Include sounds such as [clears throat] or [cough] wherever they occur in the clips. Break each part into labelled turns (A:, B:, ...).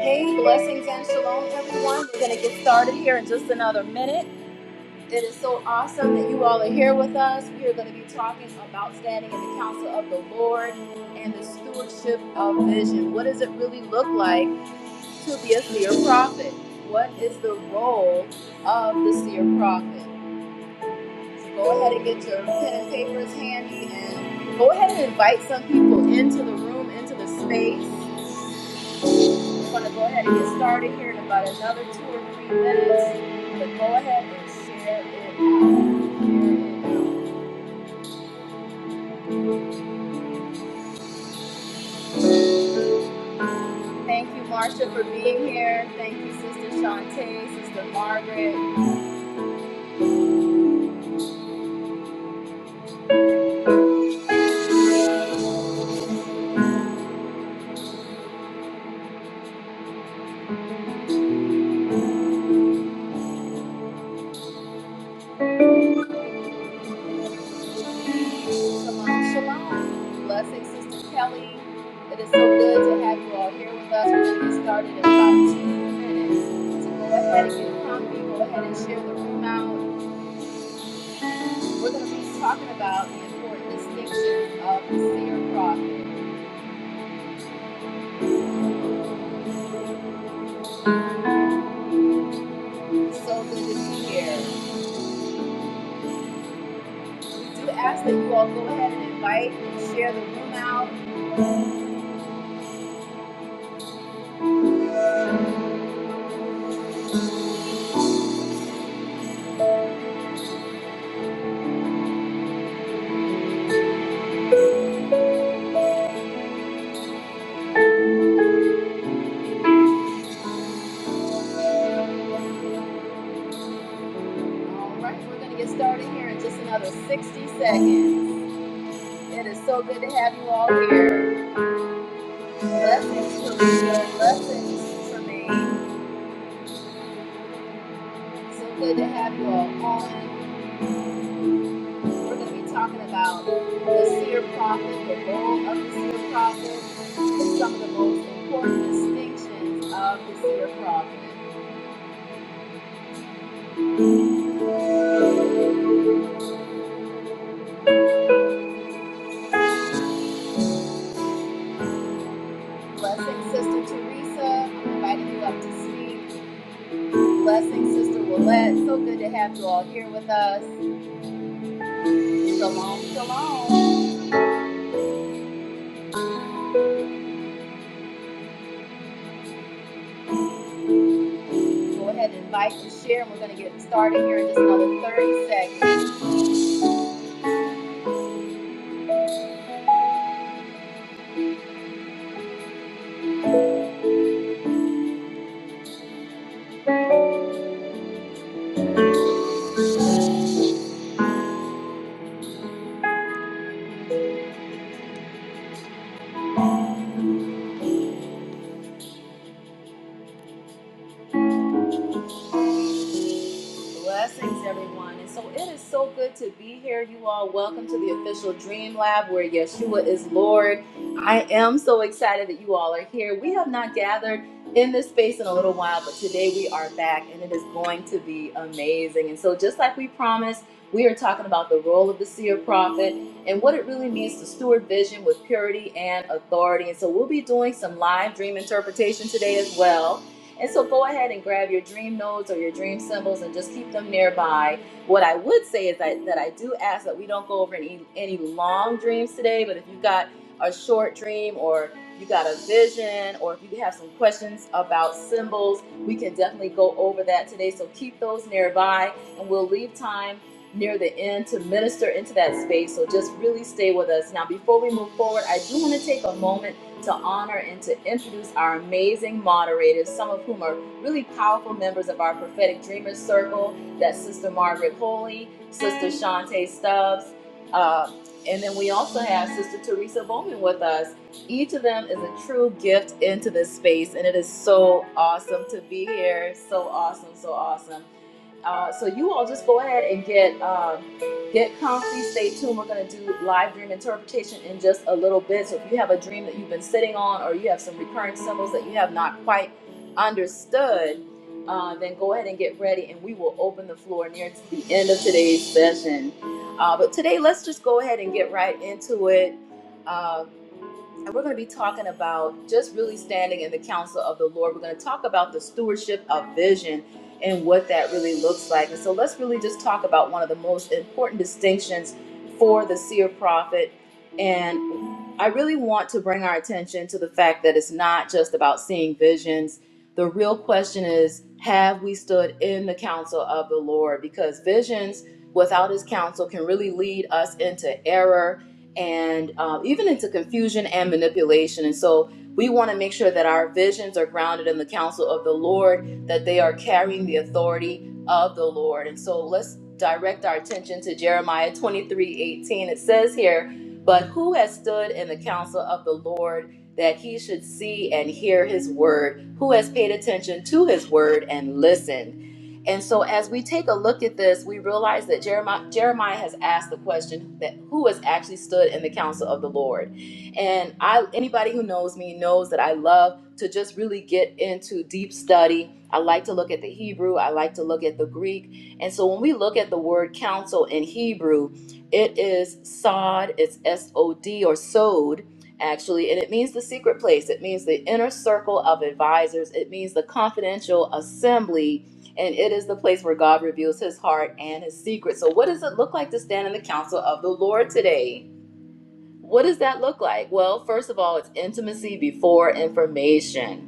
A: Hey, blessings and shalom, everyone. We're going to get started here in just another minute. It is so awesome that you all are here with us. We are going to be talking about standing in the counsel of the Lord and the stewardship of vision. What does it really look like to be a seer prophet? What is the role of the seer prophet? So go ahead and get your pen and papers handy and go ahead and invite some people into the room, into the space. I'm gonna go ahead and get started here in about another two or three minutes. But go ahead and share it out. Share Thank you, Marcia, for being here. Thank you, Sister Shantae, Sister Margaret. Shalom, shalom. Blessing, Sister Kelly. It is so good to have you all here with us. We're gonna get started in about two minutes. So go ahead and get comfy. Go ahead and share the room out. We're gonna be talking about the important distinctions of the seer prophet. So good to be here. We do ask that you all go ahead and invite and share the room out. All right, we're going to get started here in just another 60 seconds. It is so good to have you all here. Blessings, Kalita. Blessings, Tremaine. So good to have you all on. We're going to be talking about the seer prophet, the role of the seer prophet, and some of the most important distinctions of the seer prophet. Blessings, Sister Teresa. I'm inviting you up to speak. Blessing, Sister Willette. So good to have you all here with us. Shalom, shalom. Go ahead and invite and share. We're going to get started here in just another 30 seconds. Blessings, everyone. And so it is so good to be here. You all, welcome to the official Dream Lab where Yeshua is Lord. I am so excited that you all are here. We have not gathered in this space in a little while, but today we are back and it is going to be amazing. And so, just like we promised, we are talking about the role of the seer prophet and what it really means to steward vision with purity and authority. And so, we'll be doing some live dream interpretation today as well. And so go ahead and grab your dream nodes or your dream symbols and just keep them nearby. What I would say is that, that I do ask that we don't go over any, any long dreams today, but if you've got a short dream or you got a vision or if you have some questions about symbols, we can definitely go over that today. So keep those nearby and we'll leave time near the end to minister into that space. So just really stay with us. Now, before we move forward, I do want to take a moment to honor and to introduce our amazing moderators, some of whom are really powerful members of our Prophetic Dreamers Circle. That's Sister Margaret Holy, Sister Shantae Stubbs, uh, and then we also have Sister Teresa Bowman with us. Each of them is a true gift into this space, and it is so awesome to be here. So awesome, so awesome. Uh, so you all just go ahead and get um, get comfy. Stay tuned. We're going to do live dream interpretation in just a little bit. So if you have a dream that you've been sitting on, or you have some recurring symbols that you have not quite understood, uh, then go ahead and get ready, and we will open the floor near to the end of today's session. Uh, but today, let's just go ahead and get right into it. Uh, and we're going to be talking about just really standing in the counsel of the Lord. We're going to talk about the stewardship of vision and what that really looks like. And so let's really just talk about one of the most important distinctions for the seer prophet. And I really want to bring our attention to the fact that it's not just about seeing visions. The real question is have we stood in the counsel of the Lord? Because visions without his counsel can really lead us into error and uh, even into confusion and manipulation. And so we want to make sure that our visions are grounded in the counsel of the Lord, that they are carrying the authority of the Lord. And so let's direct our attention to Jeremiah 23, 18. It says here, But who has stood in the counsel of the Lord that he should see and hear his word? Who has paid attention to his word and listened? And so, as we take a look at this, we realize that Jeremiah, Jeremiah has asked the question that who has actually stood in the counsel of the Lord. And I, anybody who knows me knows that I love to just really get into deep study. I like to look at the Hebrew. I like to look at the Greek. And so, when we look at the word counsel in Hebrew, it is sod. It's S O D or sod. Actually, and it means the secret place. It means the inner circle of advisors. It means the confidential assembly and it is the place where God reveals his heart and his secret. So, what does it look like to stand in the counsel of the Lord today? What does that look like? Well, first of all, it's intimacy before information.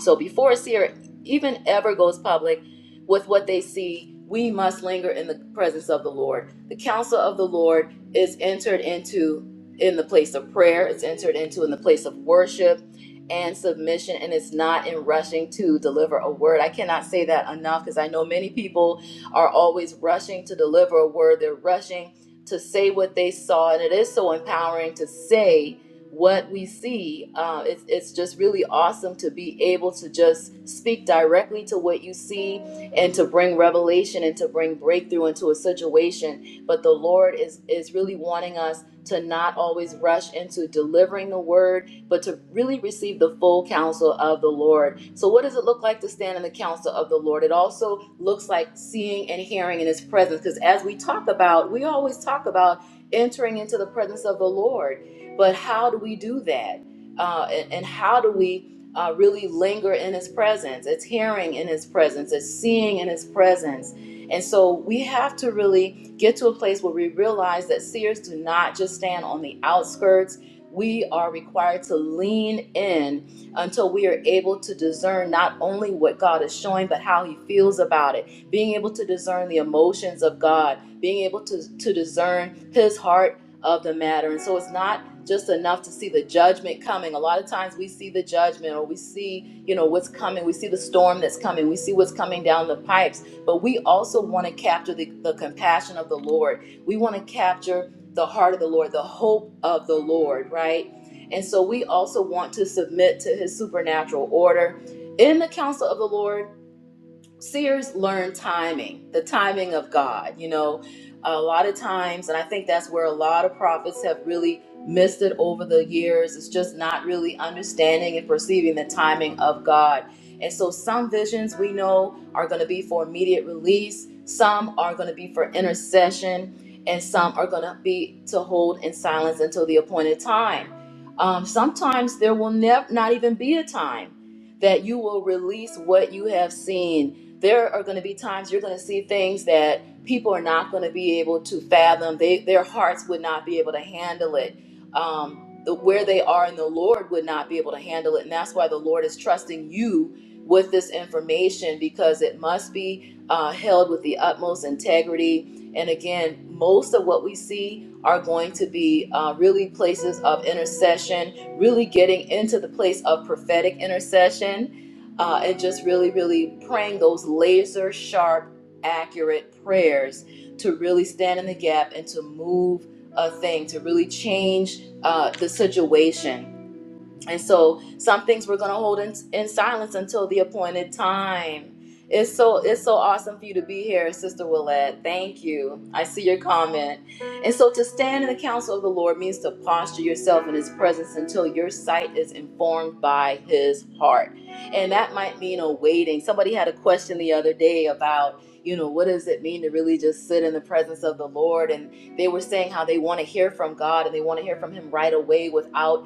A: So before a Seer even ever goes public with what they see, we must linger in the presence of the Lord. The counsel of the Lord is entered into in the place of prayer, it's entered into in the place of worship and submission, and it's not in rushing to deliver a word. I cannot say that enough because I know many people are always rushing to deliver a word, they're rushing to say what they saw, and it is so empowering to say what we see. Uh, it's, it's just really awesome to be able to just speak directly to what you see and to bring revelation and to bring breakthrough into a situation. But the Lord is, is really wanting us to not always rush into delivering the word, but to really receive the full counsel of the Lord. So, what does it look like to stand in the counsel of the Lord? It also looks like seeing and hearing in His presence, because as we talk about, we always talk about entering into the presence of the Lord. But how do we do that? Uh, and, and how do we uh, really linger in His presence? It's hearing in His presence, it's seeing in His presence. And so we have to really get to a place where we realize that seers do not just stand on the outskirts. We are required to lean in until we are able to discern not only what God is showing, but how He feels about it. Being able to discern the emotions of God, being able to, to discern His heart of the matter. And so it's not just enough to see the judgment coming. A lot of times we see the judgment or we see, you know, what's coming. We see the storm that's coming. We see what's coming down the pipes. But we also want to capture the, the compassion of the Lord. We want to capture the heart of the Lord, the hope of the Lord, right? And so we also want to submit to his supernatural order in the counsel of the Lord seers learn timing, the timing of God. You know, a lot of times, and I think that's where a lot of prophets have really missed it over the years. It's just not really understanding and perceiving the timing of God. And so, some visions we know are going to be for immediate release, some are going to be for intercession, and some are going to be to hold in silence until the appointed time. Um, sometimes there will never not even be a time that you will release what you have seen there are going to be times you're going to see things that people are not going to be able to fathom. They, their hearts would not be able to handle it. Um, the, where they are in the Lord would not be able to handle it. And that's why the Lord is trusting you with this information because it must be uh, held with the utmost integrity. And again, most of what we see are going to be uh, really places of intercession, really getting into the place of prophetic intercession uh, and just really, really praying those laser sharp, accurate prayers to really stand in the gap and to move a thing, to really change uh, the situation and so some things we're going to hold in, in silence until the appointed time. It's so it's so awesome for you to be here, Sister Willette. Thank you. I see your comment. And so to stand in the counsel of the Lord means to posture yourself in his presence until your sight is informed by his heart. And that might mean a waiting. Somebody had a question the other day about, you know, what does it mean to really just sit in the presence of the Lord? And they were saying how they want to hear from God and they want to hear from him right away without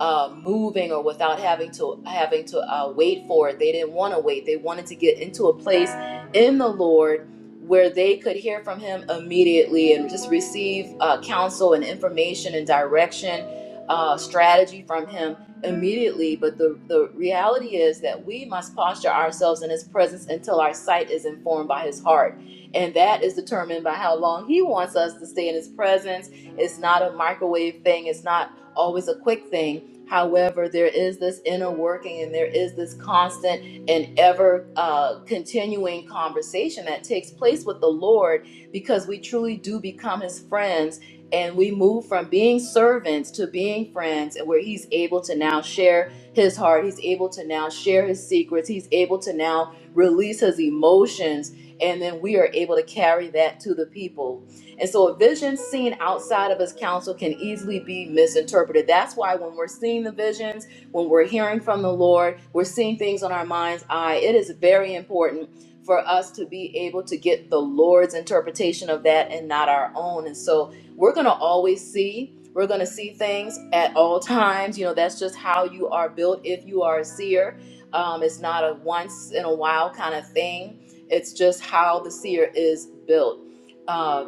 A: uh, moving or without having to having to uh, wait for it. They didn't want to wait. They wanted to get into a place in the Lord where they could hear from Him immediately and just receive uh, counsel and information and direction, uh, strategy from Him immediately. But the the reality is that we must posture ourselves in His presence until our sight is informed by His heart, and that is determined by how long He wants us to stay in His presence. It's not a microwave thing. It's not always a quick thing. However, there is this inner working and there is this constant and ever uh, continuing conversation that takes place with the Lord because we truly do become his friends and we move from being servants to being friends and where he's able to now share his heart. He's able to now share his secrets. He's able to now release his emotions and then we are able to carry that to the people and so a vision seen outside of his counsel can easily be misinterpreted. That's why when we're seeing the visions, when we're hearing from the Lord, we're seeing things on our mind's eye, it is very important for us to be able to get the Lord's interpretation of that and not our own. And so we're going to always see. We're going to see things at all times. You know, that's just how you are built if you are a seer. Um, it's not a once in a while kind of thing, it's just how the seer is built Uh,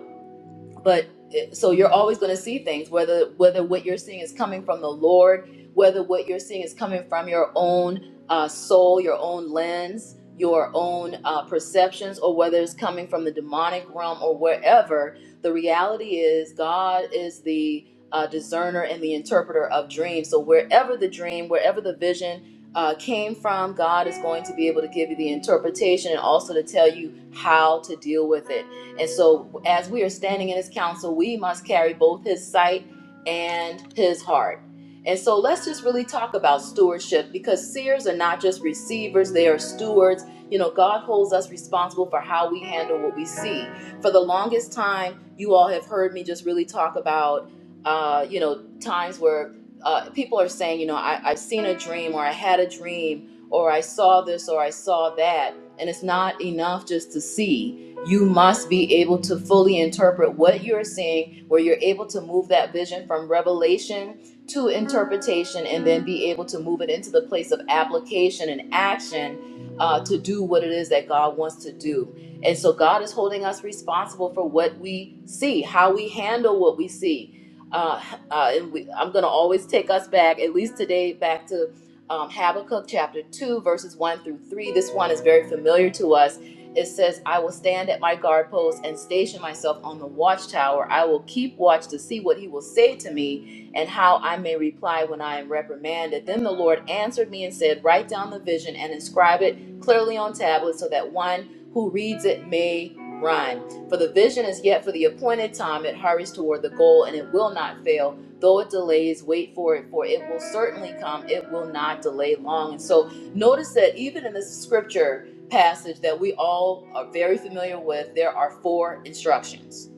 A: but eh, so you're always going to see things whether whether what you're seeing is coming from the lord whether what you're seeing is coming from your own uh, soul your own lens your own uh, perceptions or whether it's coming from the demonic realm or wherever the reality is god is the uh, discerner and the interpreter of dreams so wherever the dream wherever the vision uh, came from god is going to be able to give you the interpretation and also to tell you how to deal with it and so, as we are standing in his counsel, we must carry both his sight and his heart. And so, let's just really talk about stewardship because seers are not just receivers, they are stewards. You know, God holds us responsible for how we handle what we see. For the longest time, you all have heard me just really talk about, uh, you know, times where uh, people are saying, you know, I, I've seen a dream or I had a dream or I saw this or I saw that. And it's not enough just to see you must be able to fully interpret what you're seeing, where you're able to move that vision from revelation to interpretation and then be able to move it into the place of application and action uh, to do what it is that God wants to do. And so God is holding us responsible for what we see, how we handle what we see. Uh, uh, and we, I'm going to always take us back, at least today, back to um, Habakkuk chapter 2, verses 1 through 3. This one is very familiar to us it says, I will stand at my guard post and station myself on the watchtower. I will keep watch to see what he will say to me and how I may reply when I am reprimanded. Then the Lord answered me and said, Write down the vision and inscribe it clearly on tablets so that one who reads it may run. For the vision is yet for the appointed time. It hurries toward the goal and it will not fail. Though it delays, wait for it, for it will certainly come. It will not delay long. And so notice that even in this scripture, passage that we all are very familiar with, there are four instructions.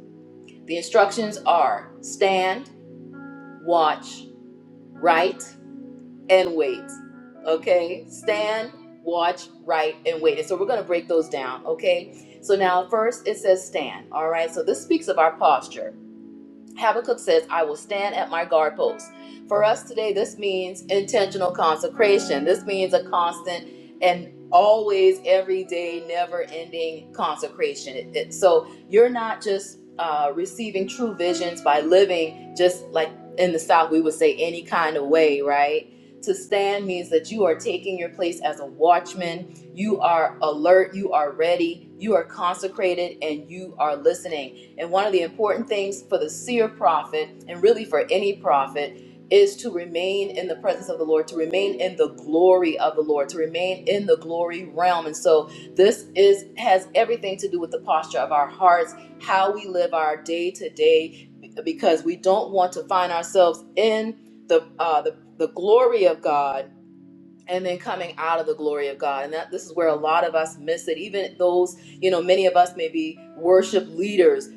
A: The instructions are stand, watch, write, and wait. Okay? Stand, watch, write, and wait. And so we're going to break those down. Okay? So now, first it says stand. All right? So this speaks of our posture. Habakkuk says, I will stand at my guard post. For us today, this means intentional consecration. This means a constant and always, every day, never ending consecration. It- it- so you're not just uh, receiving true visions by living just like in the South, we would say any kind of way, right? To stand means that you are taking your place as a watchman. You are alert, you are ready, you are consecrated, and you are listening and one of the important things for the seer prophet, and really for any prophet, is to remain in the presence of the Lord, to remain in the glory of the Lord, to remain in the glory realm. And so this is has everything to do with the posture of our hearts, how we live our day to day, because we don't want to find ourselves in the uh, the the glory of God and then coming out of the glory of God. And that this is where a lot of us miss it. Even those, you know, many of us may be worship leaders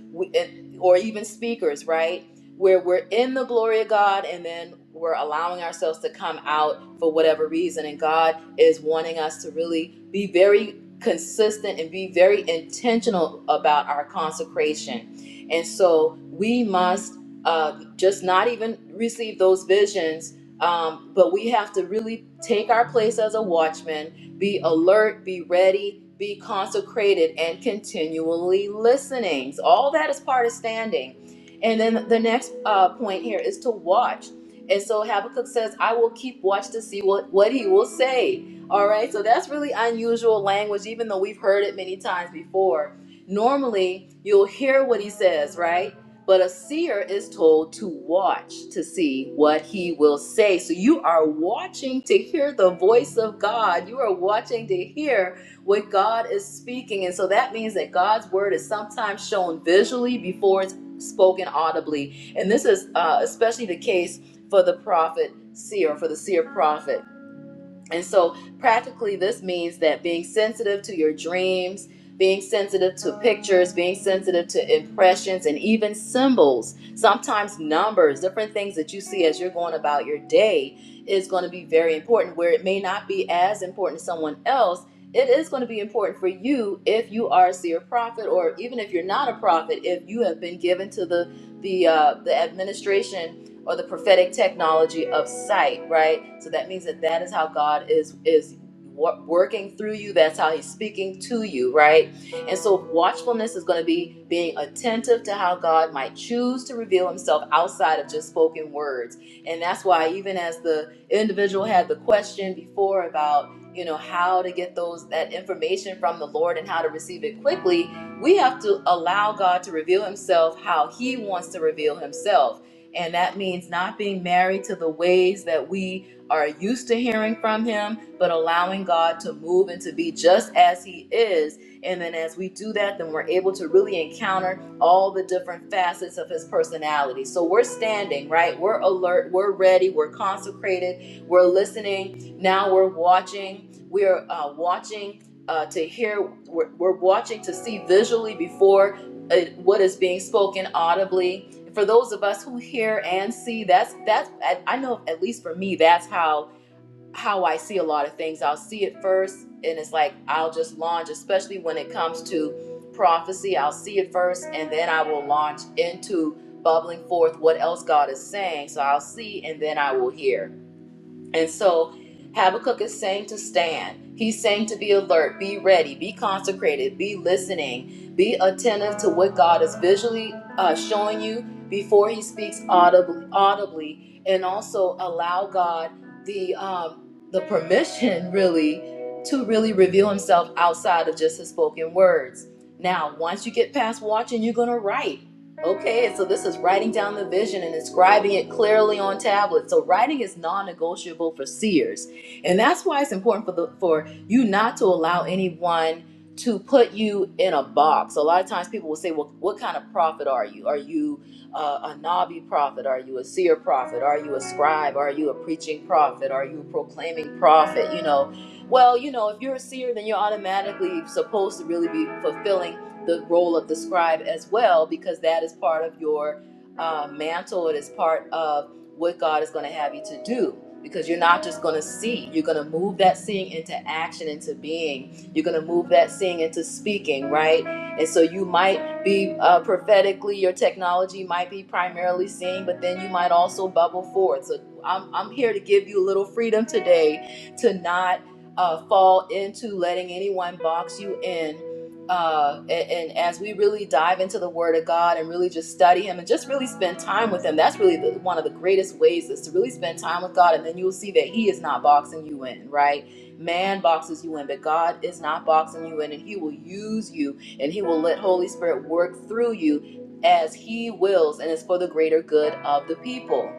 A: or even speakers, right? Where we're in the glory of God and then we're allowing ourselves to come out for whatever reason. And God is wanting us to really be very consistent and be very intentional about our consecration. And so we must uh, just not even receive those visions um, but we have to really take our place as a watchman, be alert, be ready, be consecrated, and continually listening. So all that is part of standing. And then the next uh, point here is to watch. And so Habakkuk says, I will keep watch to see what, what he will say. All right, so that's really unusual language, even though we've heard it many times before. Normally, you'll hear what he says, right? But a seer is told to watch to see what he will say. So you are watching to hear the voice of God. You are watching to hear what God is speaking. And so that means that God's word is sometimes shown visually before it's spoken audibly. And this is uh, especially the case for the prophet seer, for the seer prophet. And so, practically, this means that being sensitive to your dreams, being sensitive to pictures, being sensitive to impressions, and even symbols, sometimes numbers, different things that you see as you're going about your day is going to be very important. Where it may not be as important to someone else, it is going to be important for you if you are a seer prophet, or even if you're not a prophet, if you have been given to the the uh, the administration or the prophetic technology of sight, right? So that means that that is how God is is wor- working through you. That's how He's speaking to you, right? And so watchfulness is going to be being attentive to how God might choose to reveal Himself outside of just spoken words, and that's why even as the individual had the question before about you know how to get those that information from the Lord and how to receive it quickly we have to allow God to reveal Himself how He wants to reveal Himself. And that means not being married to the ways that we are used to hearing from Him, but allowing God to move and to be just as He is. And then as we do that, then we're able to really encounter all the different facets of His personality. So we're standing, right? We're alert, we're ready, we're consecrated, we're listening. Now we're watching. We're uh, watching. Uh, to hear, we're, we're watching to see visually before uh, what is being spoken audibly for those of us who hear and see that's that's I I know at least for me that's how how I see a lot of things I'll see it first and it's like I'll just launch especially when it comes to prophecy I'll see it first and then I will launch into bubbling forth what else God is saying so I'll see and then I will hear and so Habakkuk is saying to stand. He's saying to be alert, be ready, be consecrated, be listening, be attentive to what God is visually uh, showing you before He speaks audibly, audibly, and also allow God the um, the permission [laughs] really to really reveal Himself outside of just His spoken words. Now, once you get past watching, you're gonna write. Okay, and so this is writing down the vision and inscribing it clearly on tablets. So writing is non-negotiable for seers, and that's why it's important for the for you not to allow anyone to put you in a box. A lot of times people will say, "Well, what kind of prophet are you? Are you uh, a nabi prophet? Are you a seer prophet? Are you a scribe? Are you a preaching prophet? Are you a proclaiming prophet?" You know, well, you know, if you're a seer, then you're automatically supposed to really be fulfilling the role of the scribe as well, because that is part of your uh, mantle. It is part of what God is going to have you to do. Because you're not just going to see, you're going to move that seeing into action, into being. You're going to move that seeing into speaking, right? And so you might be uh, prophetically, your technology might be primarily seeing, but then you might also bubble forth. So I'm, I'm here to give you a little freedom today to not uh, fall into letting anyone box you in uh, and, and as we really dive into the Word of God and really just study Him and just really spend time with Him, that's really the, one of the greatest ways is to really spend time with God, and then you'll see that He is not boxing you in, right? Man boxes you in, but God is not boxing you in, and He will use you, and He will let Holy Spirit work through you as He wills, and it's for the greater good of the people.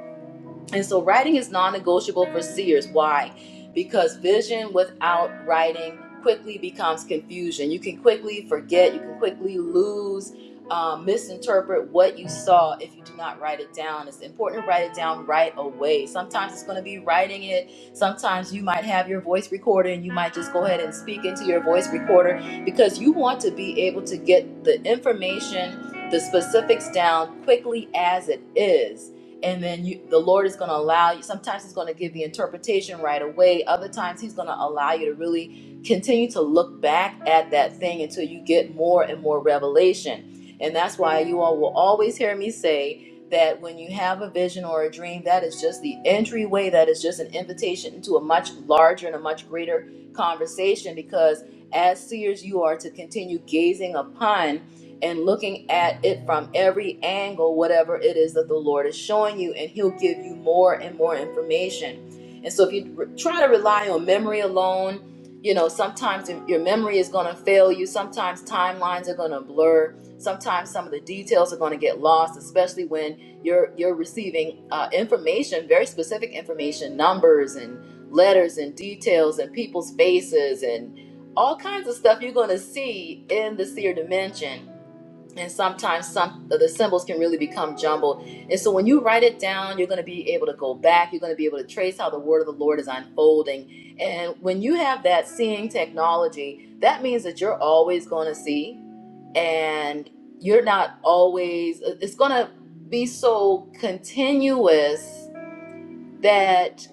A: And so writing is non negotiable for seers. Why? Because vision without writing quickly becomes confusion. You can quickly forget, you can quickly lose, um, misinterpret what you saw if you do not write it down. It's important to write it down right away. Sometimes it's going to be writing it. Sometimes you might have your voice recorder and you might just go ahead and speak into your voice recorder because you want to be able to get the information, the specifics down quickly as it is and then you, the Lord is going to allow you. Sometimes He's going to give the interpretation right away. Other times He's going to allow you to really continue to look back at that thing until you get more and more revelation. And that's why you all will always hear me say that when you have a vision or a dream, that is just the entryway. That is just an invitation into a much larger and a much greater conversation. Because as seers, you are to continue gazing upon and looking at it from every angle, whatever it is that the Lord is showing you, and He'll give you more and more information. And so, if you re- try to rely on memory alone, you know, sometimes your memory is going to fail you, sometimes timelines are going to blur, sometimes some of the details are going to get lost, especially when you're you're receiving uh, information, very specific information, numbers and letters and details and people's faces and all kinds of stuff you're going to see in the seer dimension and sometimes some the symbols can really become jumbled and so when you write it down you're going to be able to go back you're going to be able to trace how the word of the lord is unfolding and when you have that seeing technology that means that you're always going to see and you're not always it's going to be so continuous that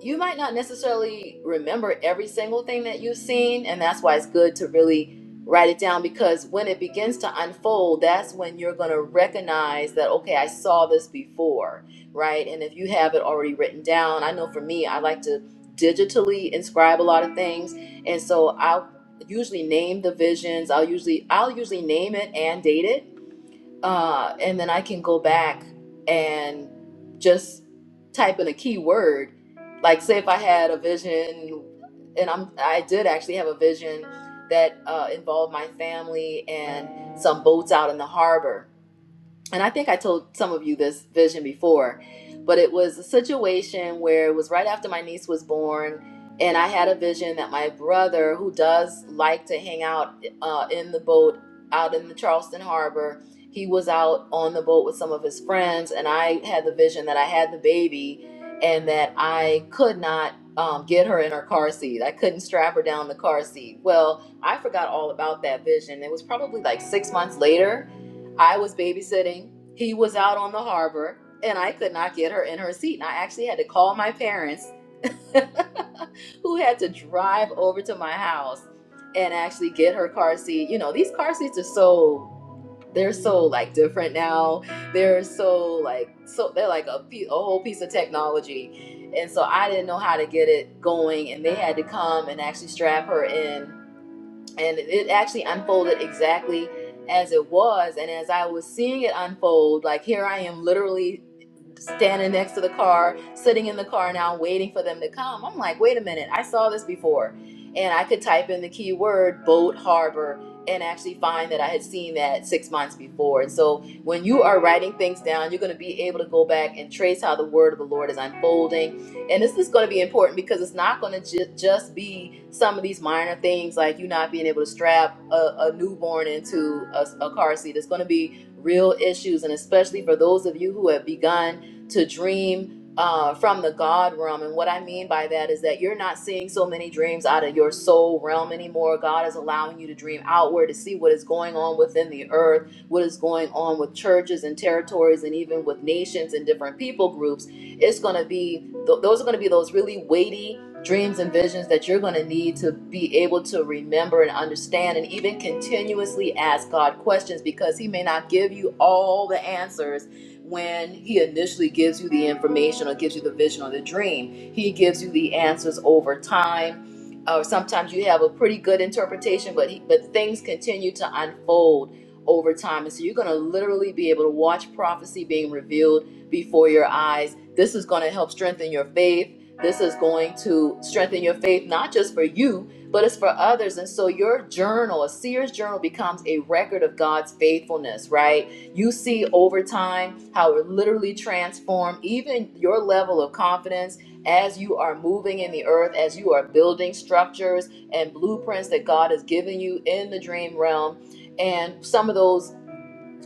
A: you might not necessarily remember every single thing that you've seen and that's why it's good to really write it down because when it begins to unfold that's when you're going to recognize that okay i saw this before right and if you have it already written down i know for me i like to digitally inscribe a lot of things and so i'll usually name the visions i'll usually i'll usually name it and date it uh, and then I can go back and just type in a keyword. Like, say if I had a vision, and I'm I did actually have a vision that uh, involved my family and some boats out in the harbor and I think I told some of you this vision before, but it was a situation where it was right after my niece was born, and I had a vision that my brother, who does like to hang out uh, in the boat out in the Charleston Harbor, he was out on the boat with some of his friends, and I had the vision that I had the baby and that I could not. Um, get her in her car seat. I couldn't strap her down the car seat. Well, I forgot all about that vision. It was probably like six months later I was babysitting. He was out on the harbor, and I could not get her in her seat. And I actually had to call my parents, [laughs] who had to drive over to my house and actually get her car seat. You know, these car seats are so they're so like different now. They're so like so they're like a, a whole piece of technology. And so I didn't know how to get it going, and they had to come and actually strap her in and it actually unfolded exactly as it was and as i was seeing it unfold like here i am literally standing next to the car sitting in the car now waiting for them to come i'm like wait a minute i saw this before and i could type in the keyword boat harbor and actually find that i had seen that six months before and so when you are writing things down you're going to be able to go back and trace how the word of the lord is unfolding and this is going to be important because it's not going to ju- just be some of these minor things like you not being able to strap a, a newborn into a, a car seat. It's going to be real issues, and especially for those of you who have begun to dream. Uh, from the God realm. And what I mean by that is that you're not seeing so many dreams out of your soul realm anymore. God is allowing you to dream outward to see what is going on within the earth, what is going on with churches and territories, and even with nations and different people groups. It's going to be Th- those are going to be those really weighty dreams and visions that you're going to need to be able to remember and understand and even continuously ask God questions because he may not give you all the answers when he initially gives you the information or gives you the vision or the dream. He gives you the answers over time. Or sometimes you have a pretty good interpretation, but he, but things continue to unfold over time, and so you're going to literally be able to watch prophecy being revealed before your eyes. This is going to help strengthen your faith. This is going to strengthen your faith, not just for you, but it's for others. And so your journal, a seer's journal, becomes a record of God's faithfulness, right? You see over time how it literally transforms even your level of confidence as you are moving in the earth, as you are building structures and blueprints that God has given you in the dream realm. And some of those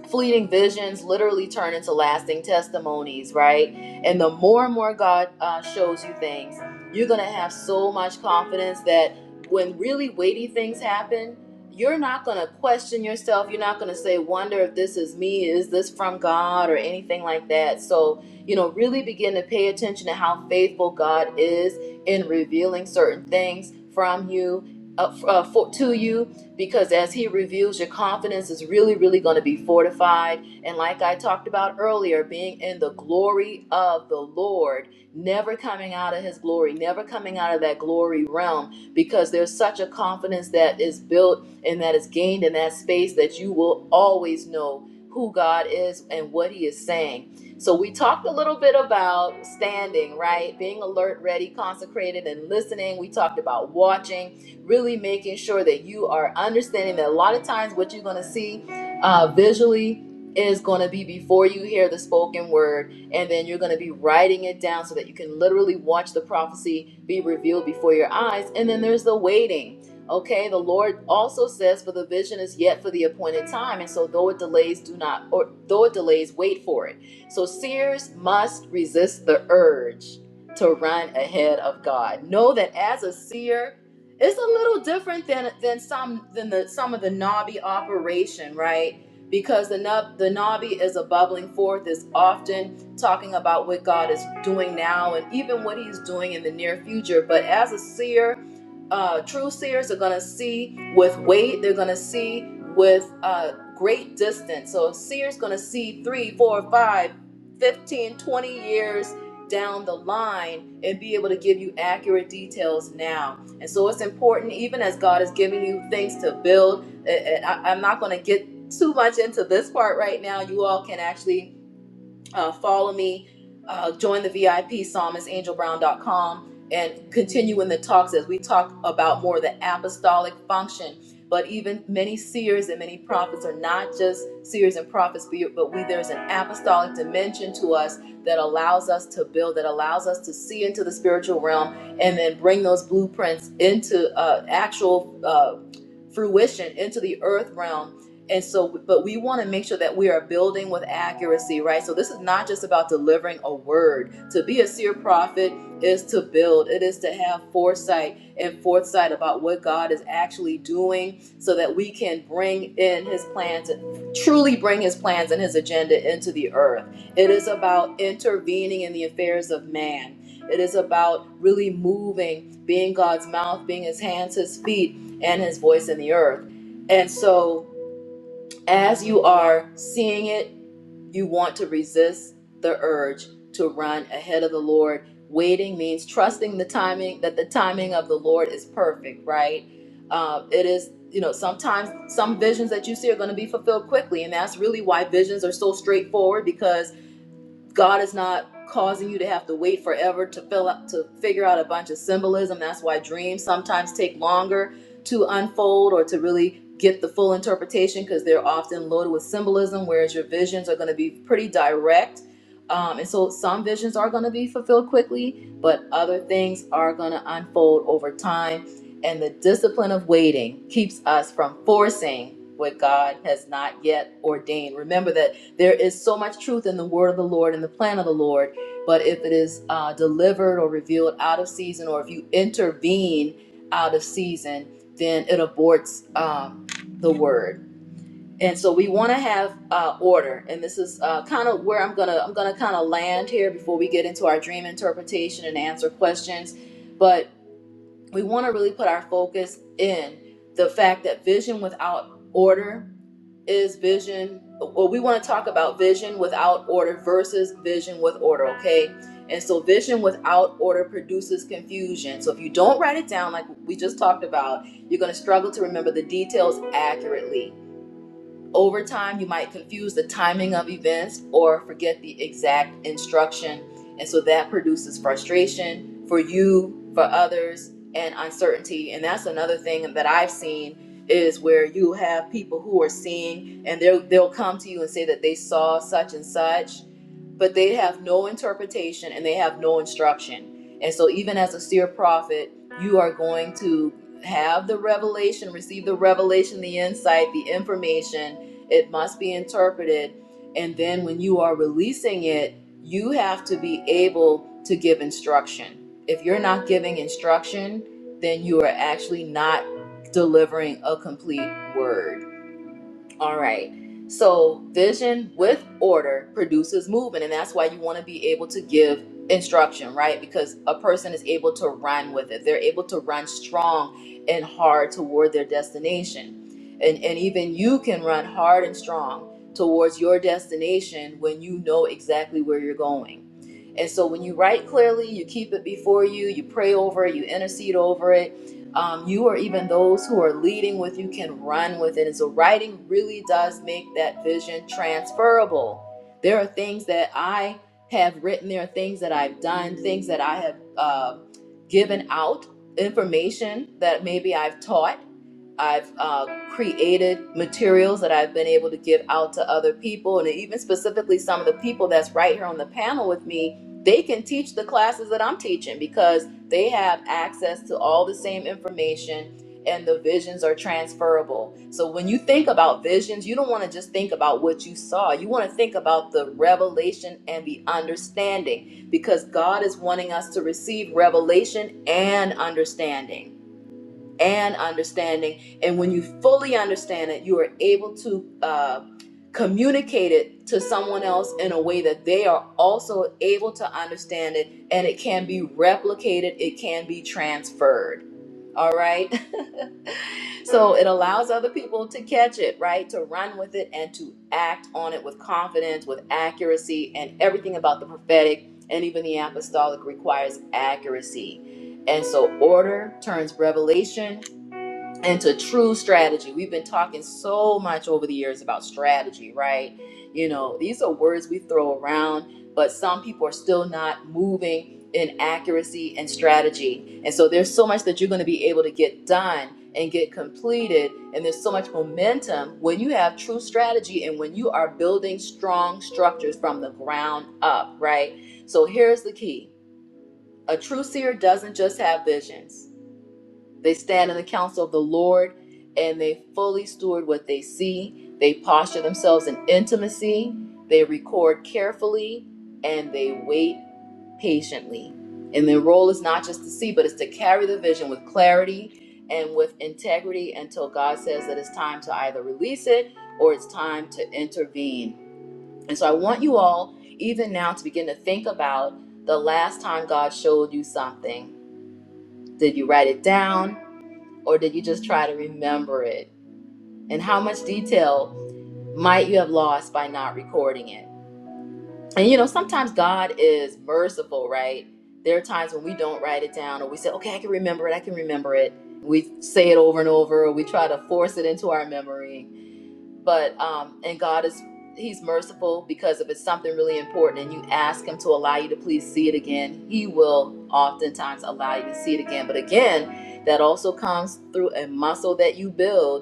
A: fleeting visions literally turn into lasting testimonies, right? And the more and more God uh, shows you things, you're going to have so much confidence that when really weighty things happen, you're not going to question yourself. You're not going to say, wonder if this is me, is this from God, or anything like that. So, you know, really begin to pay attention to how faithful God is in revealing certain things from you. Uh, uh, for, to you because as he reveals, your confidence is really really going to be fortified and like i talked about earlier being in the glory of the lord never coming out of his glory never coming out of that glory realm because there's such a confidence that is built and that is gained in that space that you will always know who god is and what he is saying so we talked a little bit about standing right being alert ready consecrated and listening we talked about watching really making sure that you are understanding that a lot of times what you're going to see uh, visually is going to be before you hear the spoken word and then you're going to be writing it down so that you can literally watch the prophecy be revealed before your eyes and then there's the waiting Okay, the Lord also says, "For the vision is yet for the appointed time, and so though it delays, do not, or though it delays, wait for it." So seers must resist the urge to run ahead of God. Know that as a seer, it's a little different than than some than the some of the knobby operation right because the nub the knobby is a bubbling forth is often talking about what god is doing now and even what he's doing in the near future but as a seer uh, true seers are going to see with weight they're going to see with uh, great distance so a seer's going to see three, four, five, fifteen, twenty years down the line and be able to give you accurate details now and so it's important, even as God is giving you things to build. And I, I'm not going to get too much into this part right now. You all can actually uh, follow me, uh, join the VIP psalmistangelbrown.com, and continue in the talks as we talk about more the apostolic function. But even many seers and many prophets are not just seers and prophets, but but we there's an apostolic dimension to us that allows us to build, that allows us to see into the spiritual realm, and then bring those blueprints into uh, actual uh, fruition, into the earth realm and so, but we want to make sure that we are building with accuracy, right? So, this is not just about delivering a word. To be a seer prophet is to build, it is to have foresight and foresight about what God is actually doing so that we can bring in his plans, truly bring his plans and his agenda into the earth. It is about intervening in the affairs of man. It is about really moving, being God's mouth, being his hands, his feet, and his voice in the earth. And so, as you are seeing it, you want to resist the urge to run ahead of the Lord. Waiting means trusting the timing, that the timing of the Lord is perfect, right? Uh, it is, you know, sometimes some visions that you see are going to be fulfilled quickly. And that's really why visions are so straightforward because God is not causing you to have to wait forever to fill up to figure out a bunch of symbolism. That's why dreams sometimes take longer to unfold or to really get the full interpretation because they're often loaded with symbolism, whereas your visions are going to be pretty direct. Um, and so some visions are going to be fulfilled quickly, but other things are going to unfold over time. And the discipline of waiting keeps us from forcing what God has not yet ordained. Remember that there is so much truth in the word of the Lord and the plan of the Lord, but if it is uh, delivered or revealed out of season, or if you intervene out of season, then it aborts um, the word. And so we want to have uh, order, and this is uh, kind of where I'm gonna I'm gonna kind of land here before we get into our dream interpretation and answer questions. But we want to really put our focus in the fact that vision without order is vision or we want to talk about vision without order versus vision with order okay and so vision without order produces confusion so if you don't write it down like we just talked about you're going to struggle to remember the details accurately over time, you might confuse the timing of events or forget the exact instruction. And so that produces frustration for you, for others, and uncertainty. And that's another thing that I've seen is where you have people who are seeing and they'll they'll come to you and say that they saw such and such, but they have no interpretation and they have no instruction. And so even as a seer prophet, you are going to have the revelation, receive the revelation, the insight, the information it must be interpreted. And then when you are releasing it, you have to be able to give instruction. If you're not giving instruction, then you are actually not delivering a complete word. All right. So vision with order produces movement, and that's why you want to be able to give instruction, right? Because a person is able to run with it. They're able to run strong and hard toward their destination. And and even you can run hard and strong towards your destination when you know exactly where you're going. And so when you write clearly, you keep it before you, you pray over it, you intercede over it, um, you or even those who are leading with you can run with it. And so, writing really does make that vision transferable. There are things that I have written, there are things that I've done, things that I have uh, given out, information that maybe I've taught. I've uh, created materials that I've been able to give out to other people, and even specifically some of the people that's right here on the panel with me. They can teach the classes that I'm teaching because they have access to all the same information and the visions are transferable. So when you think about visions, you don't want to just think about what you saw. You want to think about the revelation and the understanding because God is wanting us to receive revelation and understanding and understanding. And when you fully understand it, you are able to uh, communicate it to someone else in a way that they are also able to understand it and it can be replicated, it can be transferred. All right. [laughs] so it allows other people to catch it, right? To run with it and to act on it with confidence, with accuracy, and everything about the prophetic and even the apostolic requires accuracy. And so order turns revelation into true strategy. We've been talking so much over the years about strategy, right? You know, these are words we throw around, but some people are still not moving in accuracy and strategy. And so there's so much that you're going to be able to get done and get completed. And there's so much momentum when you have true strategy and when you are building strong structures from the ground up, right? So here's the key a true seer doesn't just have visions. They stand in the counsel of the Lord and they fully steward what they see. They posture themselves in intimacy. They record carefully and they wait patiently. And their role is not just to see, but it's to carry the vision with clarity and with integrity until God says that it's time to either release it or it's time to intervene. And so I want you all, even now, to begin to think about the last time God showed you something. Did you write it down? or did you just try to remember it? And how much detail might you have lost by not recording it? And you know, sometimes God is merciful, right? There are times when we don't write it down or we say, okay, I can remember it, I can remember it. We say it over and over, or we try to force it into our memory. But, um, and God is, He's merciful because if it's something really important and you ask Him to allow you to please see it again, He will oftentimes allow you to see it again. But again, that also comes through a muscle that you build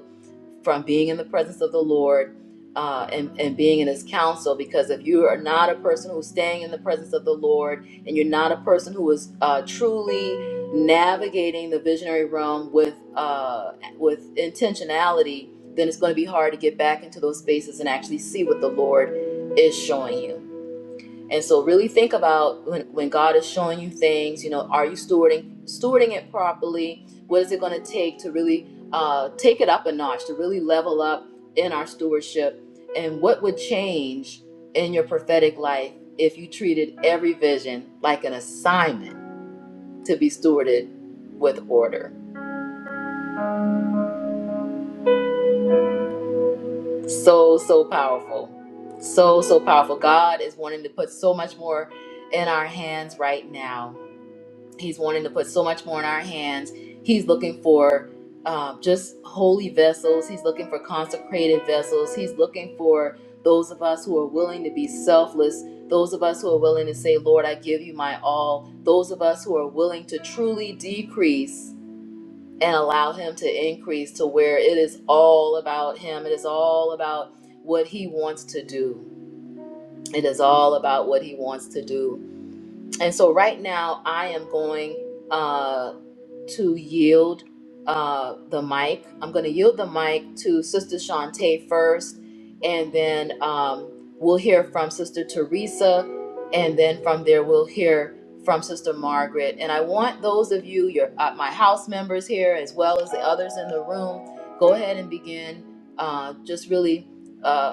A: from being in the presence of the Lord uh, and, and being in His counsel. Because if you are not a person who's staying in the presence of the Lord and you're not a person who is uh, truly navigating the visionary realm with uh, with intentionality, then it's going to be hard to get back into those spaces and actually see what the Lord is showing you. And so really think about when, when God is showing you things, you know, are you stewarding stewarding it properly? What is it going to take to really uh, take it up a notch, to really level up in our stewardship? And what would change in your prophetic life if you treated every vision like an assignment to be stewarded with order? So, so powerful. So, so powerful. God is wanting to put so much more in our hands right now He's wanting to put so much more in our hands. He's looking for um, just holy vessels. He's looking for consecrated vessels. He's looking for those of us who are willing to be selfless, those of us who are willing to say, Lord, I give you my all, those of us who are willing to truly decrease and allow Him to increase to where it is all about Him. It is all about what He wants to do. It is all about what He wants to do and so right now I am going uh, to yield uh, the mic. I'm going to yield the mic to Sister Shantae first, and then um, we'll hear from Sister Teresa, and then from there we'll hear from Sister Margaret. And I want those of you, your uh, my house members here, as well as the others in the room, go ahead and begin. Uh, just really. uh,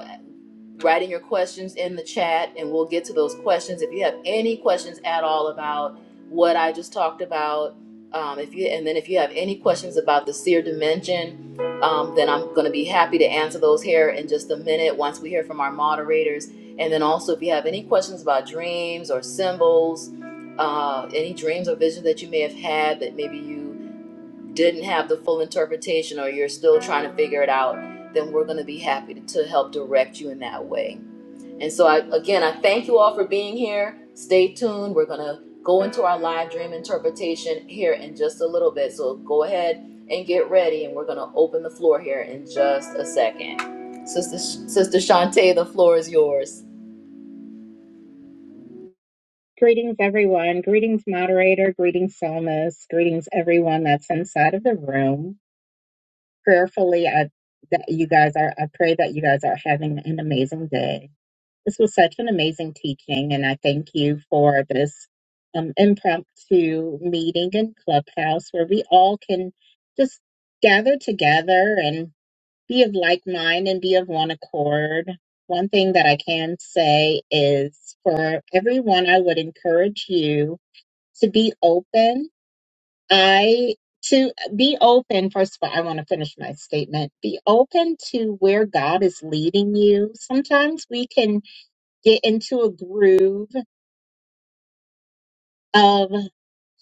A: writing your questions in the chat and we'll get to those questions. If you have any questions at all about what I just talked about, um, if you and then if you have any questions about the seer dimension, um, then I'm going to be happy to answer those here in just a minute once we hear from our moderators. And then also, if you have any questions about dreams or symbols, uh, any dreams or visions that you may have had that maybe you didn't have the full interpretation or you're still trying to figure it out, then we're going to be happy to, to help direct you in that way. And so, I, again, I thank you all for being here. Stay tuned. We're going to go into our live dream interpretation here in just a little bit. So, go ahead and get ready, and we're going to open the floor here in just a second. Sister, Sister Shantae, the floor is yours.
B: Greetings, everyone. Greetings, moderator. Greetings, Salmas. Greetings, everyone that's inside of the room. Prayerfully, I, that you guys are, I pray that you guys are having an amazing day. This was such an amazing teaching, and I thank you for this um, impromptu meeting in Clubhouse where we all can just gather together and be of like mind and be of one accord one thing that I can say is for everyone, I would encourage you to be open. I to be open, first of all, I want to finish my statement. Be open to where God is leading you. Sometimes we can get into a groove of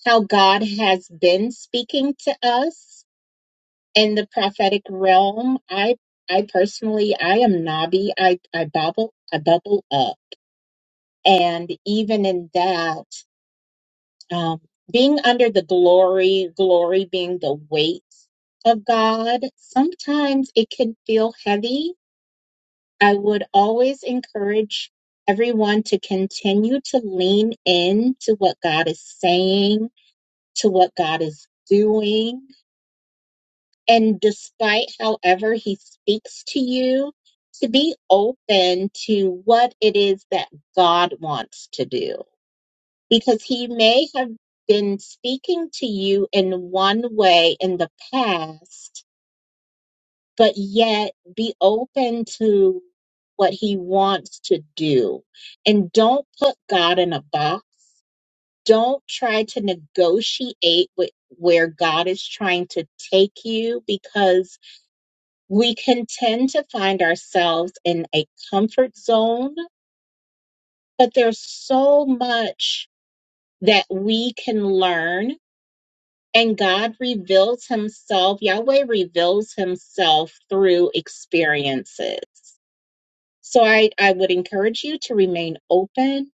B: how God has been speaking to us in the prophetic realm. I I personally I am knobby. I I bubble I bubble up. And even in that um, being under the glory, glory being the weight of God, sometimes it can feel heavy. I would always encourage everyone to continue to lean in to what God is saying, to what God is doing. And despite however He speaks to you, to be open to what it is that God wants to do because he may have been speaking to you in one way in the past, but yet be open to what he wants to do. And don't put God in a box. Don't try to negotiate with where God is trying to take you because we can tend to find ourselves in a comfort zone, but there's so much that we can learn And God reveals himself, Yahweh reveals himself through experiences. So I, I would encourage you to remain open.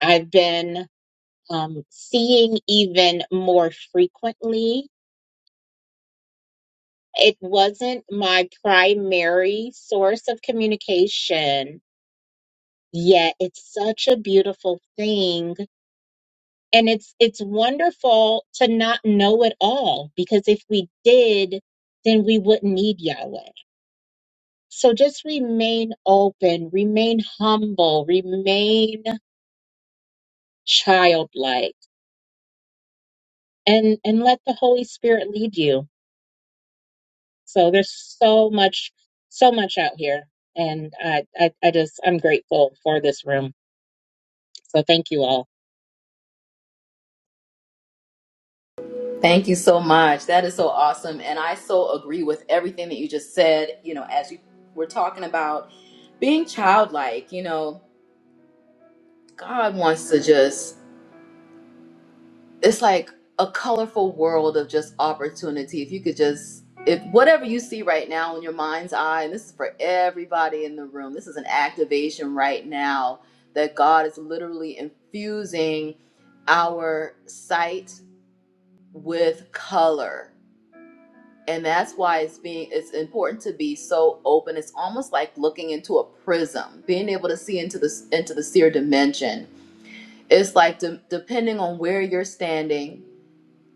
B: I've been um, seeing even more frequently. It wasn't my primary source of communication, yet it's such a beautiful thing. And it's it's wonderful to not know it all because if we did, then we wouldn't need Yahweh So just remain open, remain humble, remain childlike, and and let the Holy Spirit lead you. So there's so much, so much out here, and I I, I just I'm grateful for this room. So thank you all.
A: Thank you so much. That is so awesome. And I so agree with everything that you just said. You know, as you were talking about being childlike, you know, God wants to just it's like a colorful world of just opportunity. If you could just if whatever you see right now in your mind's eye, and this is for everybody in the room, this is an activation right now that God is literally infusing our sight with color. And that's why it's being it's important to be so open. It's almost like looking into a prism, being able to see into this into the seer dimension it's like de- depending on where you're standing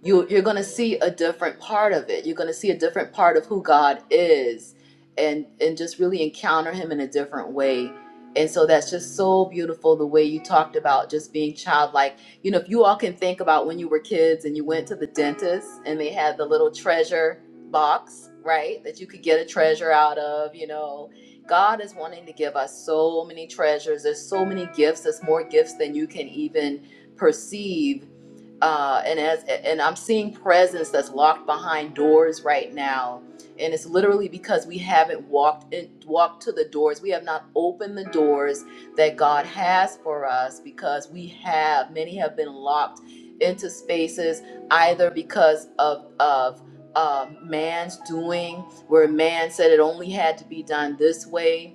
A: you you're going to see a different part of it you're going to see a different part of who god is and and just really encounter him in a different way and so that's just so beautiful the way you talked about just being childlike you know if you all can think about when you were kids and you went to the dentist and they had the little treasure box right that you could get a treasure out of you know god is wanting to give us so many treasures there's so many gifts there's more gifts than you can even perceive uh, and as and I'm seeing presence that's locked behind doors right now, and it's literally because we haven't walked in, walked to the doors. We have not opened the doors that God has for us because we have many have been locked into spaces either because of of um man's doing, where man said it only had to be done this way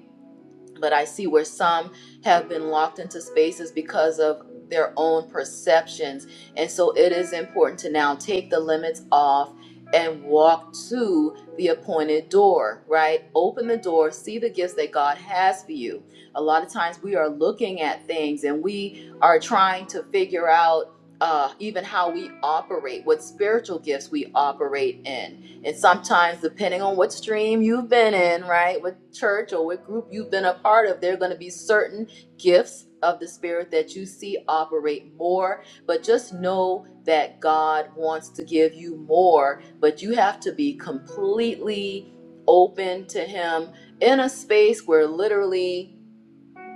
A: but I see where some have been locked into spaces because of their own perceptions. And so it is important to now take the limits off and walk to the appointed door, right? Open the door, see the gifts that God has for you. A lot of times we are looking at things and we are trying to figure out uh, even how we operate, what spiritual gifts we operate in and sometimes, depending on what stream you've been in, right, what church or what group you've been a part of, there are going to be certain gifts of the Spirit that you see operate more. But just know that God wants to give you more, but you have to be completely open to Him in a space where literally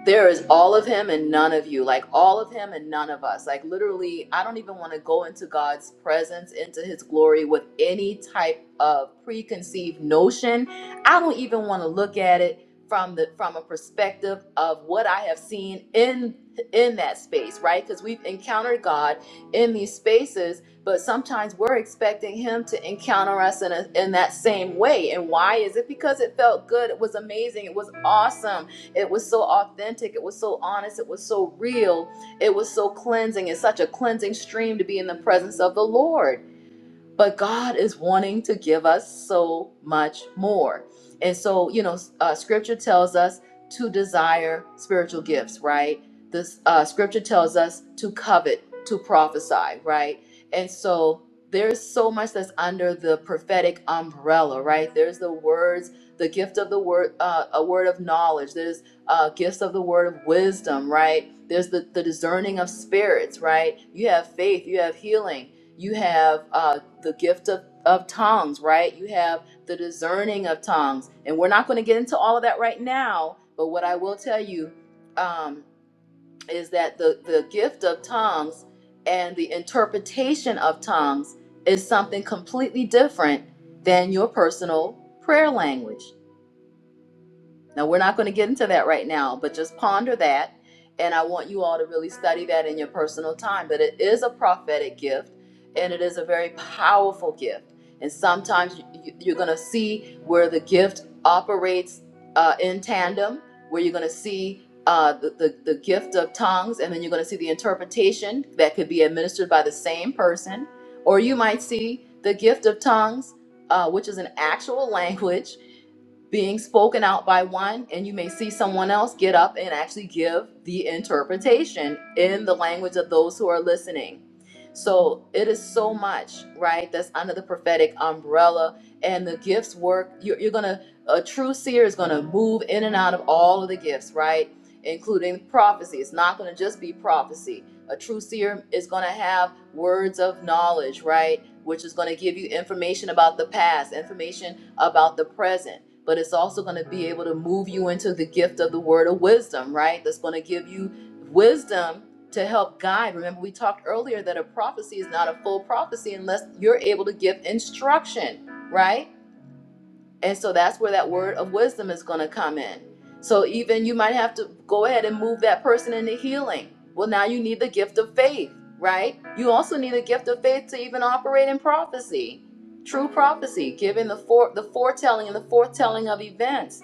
A: there is all of him and none of you like all of him and none of us like literally i don't even want to go into god's presence into his glory with any type of preconceived notion i don't even want to look at it from the from a perspective of what i have seen in in that space right because we've encountered god in these spaces but sometimes we're expecting him to encounter us in, a, in that same way and why is it because it felt good it was amazing it was awesome it was so authentic. It was so honest. It was so real. It was so cleansing. It's such a cleansing stream to be in the presence of the Lord but God is wanting to give us so much more. And so, you know, uh, scripture tells us to desire spiritual gifts, right? This uh, scripture tells us to covet, to prophesy, right? And so there's so much that's under the prophetic umbrella, right? There's the words, the gift of the word, uh, a word of knowledge. There's uh, gifts of the word of wisdom, right? There's the, the discerning of spirits, right? You have faith, you have healing you have uh, the gift of, of tongues, right? You have the discerning of tongues. And we're not going to get into all of that right now, but what I will tell you um, is that the, the gift of tongues and the interpretation of tongues is something completely different than your personal prayer language. Now, we're not going to get into that right now, but just ponder that. And I want you all to really study that in your personal time. But it is a prophetic gift, and it is a very powerful gift. And sometimes you- are going to see where the gift operates uh, in tandem, where you're going to see uh, the, the, the gift of tongues, and then you're going to see the interpretation that could be administered by the same person. Or you might see the gift of tongues, uh, which is an actual [laughs] language being spoken out by one, and you may see someone else get up and actually give the interpretation in the language of those who are listening. So it is so much, right? That's under the prophetic umbrella, and the gifts work. You're, you're gonna, a true seer is gonna move in and out of all of the gifts, right? Including prophecy. It's not gonna just be prophecy. A true seer is gonna have words of knowledge, right? Which is gonna give you information about the past, information about the present but it's also going to be able to move you into the gift of the word of wisdom, right? That's going to give you wisdom to help guide. Remember, we talked earlier that a prophecy is not a full prophecy unless you're able to give instruction, right? And so that's where that word of wisdom is going to come in. So even you might have to go ahead and move that person into healing. Well, now you need the gift of faith, right? You also need a gift of faith to even operate in prophecy, true prophecy, giving the fore, the foretelling and the foretelling of events.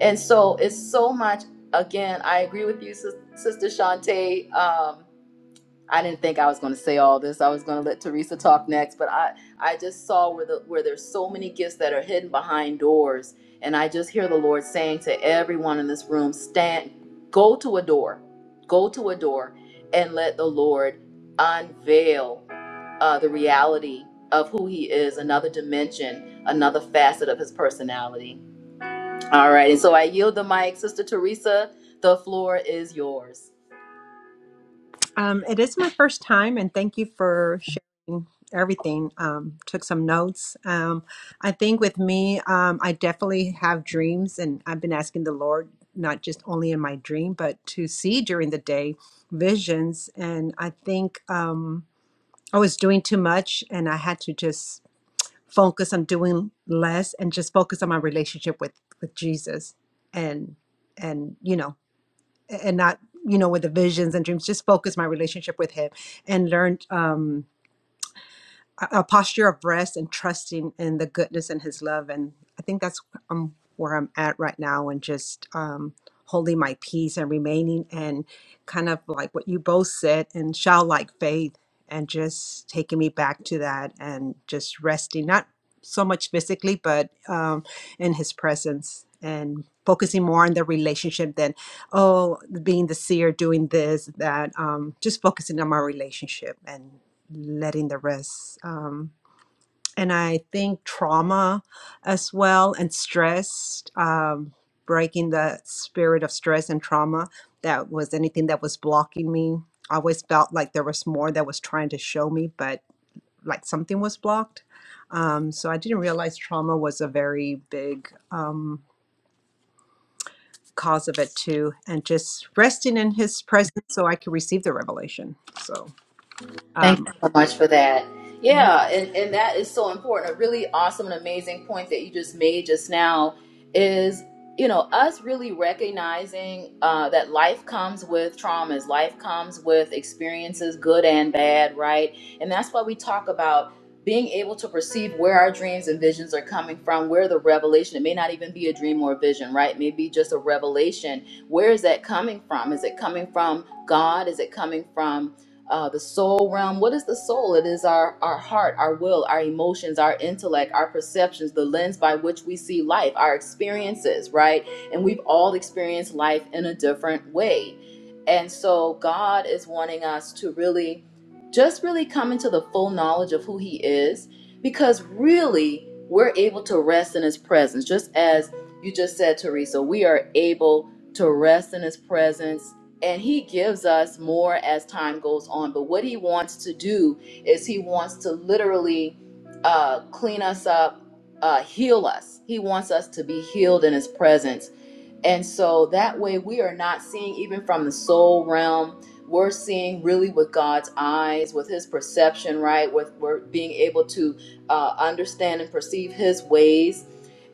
A: And so it's so much. Again, I agree with you, Sister Shantae. Um, I didn't think I was going to say all this. I was going to let Teresa talk next, but I I just saw where the where there's so many gifts that are hidden behind doors, and I just hear the Lord saying to everyone in this room, stand, go to a door, go to a door, and let the Lord unveil uh, the reality of who he is, another dimension, another facet of his personality. All right, and so I yield the mic, Sister Teresa. The floor is yours.
C: Um, it is my first time, and thank you for sharing everything. Um, took some notes. Um, I think with me, um, I definitely have dreams, and I've been asking the Lord not just only in my dream, but to see during the day visions. And I think um, I was doing too much, and I had to just focus on doing less and just focus on my relationship with with Jesus. And and you know and not you know with the visions and dreams just focus my relationship with him and learned um a a posture of rest and trusting in the goodness and his love and i think that's um, where i'm at right now and just um, holding my peace and remaining and kind of like what you both said and childlike faith and just taking me back to that and just resting not so much physically but um, in his presence and focusing more on the relationship than oh being the seer doing this that um, just focusing on my relationship and letting the rest. Um, and I think trauma as well and stress, um, breaking the spirit of stress and trauma that was anything that was blocking me. I always felt like there was more that was trying to show me, but like something was blocked. Um, so I didn't realize trauma was a very big um, cause of it too. And just resting in his presence so I could receive the revelation. So,
A: Thank you
C: um,
A: so much for that. Yeah, and, and that is so important. A really awesome and amazing point that you just made just now is, you know, us really recognizing uh, that life comes with traumas, life comes with experiences, good and bad, right? And that's why we talk about being able to perceive where our dreams and visions are coming from, where the revelation, it may not even be a dream or a vision, right? Maybe just a revelation. Where is that coming from? Is it coming from God? Is it coming from uh, the soul realm. What is the soul? It is our our heart, our will, our emotions, our intellect, our perceptions, the lens by which we see life, our experiences, right? And we've all experienced life in a different way. And so God is wanting us to really just really come into the full knowledge of who he is because really we're able to rest in his presence just as you just said Teresa we are able to rest in his presence and he gives us more as time goes on but what he wants to do is he wants to literally uh, clean us up uh, heal us he wants us to be healed in his presence and so that way, we are not seeing even from the soul realm. We're seeing really with God's eyes, with His perception, right? With we're being able to uh, understand and perceive His ways.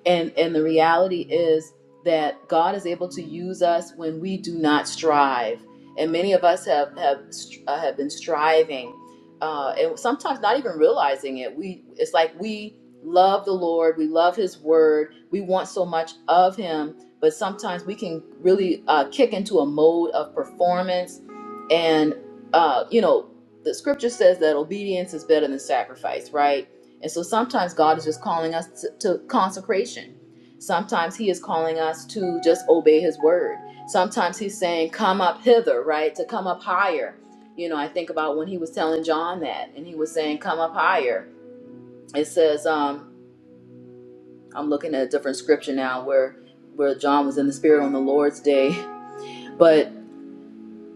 A: And and the reality is that God is able to use us when we do not strive. And many of us have have st- uh, have been striving, uh, and sometimes not even realizing it. We it's like we love the Lord, we love His Word, we want so much of Him, but sometimes we can really uh, kick into a mode of performance and uh, you know the scripture says that obedience is better than sacrifice right and so sometimes god is just calling us to, to consecration sometimes he is calling us to just obey his word sometimes he's saying come up hither right to come up higher you know i think about when he was telling john that and he was saying come up higher it says um I'm looking at a different scripture now where where John was in the spirit on the Lord's day. But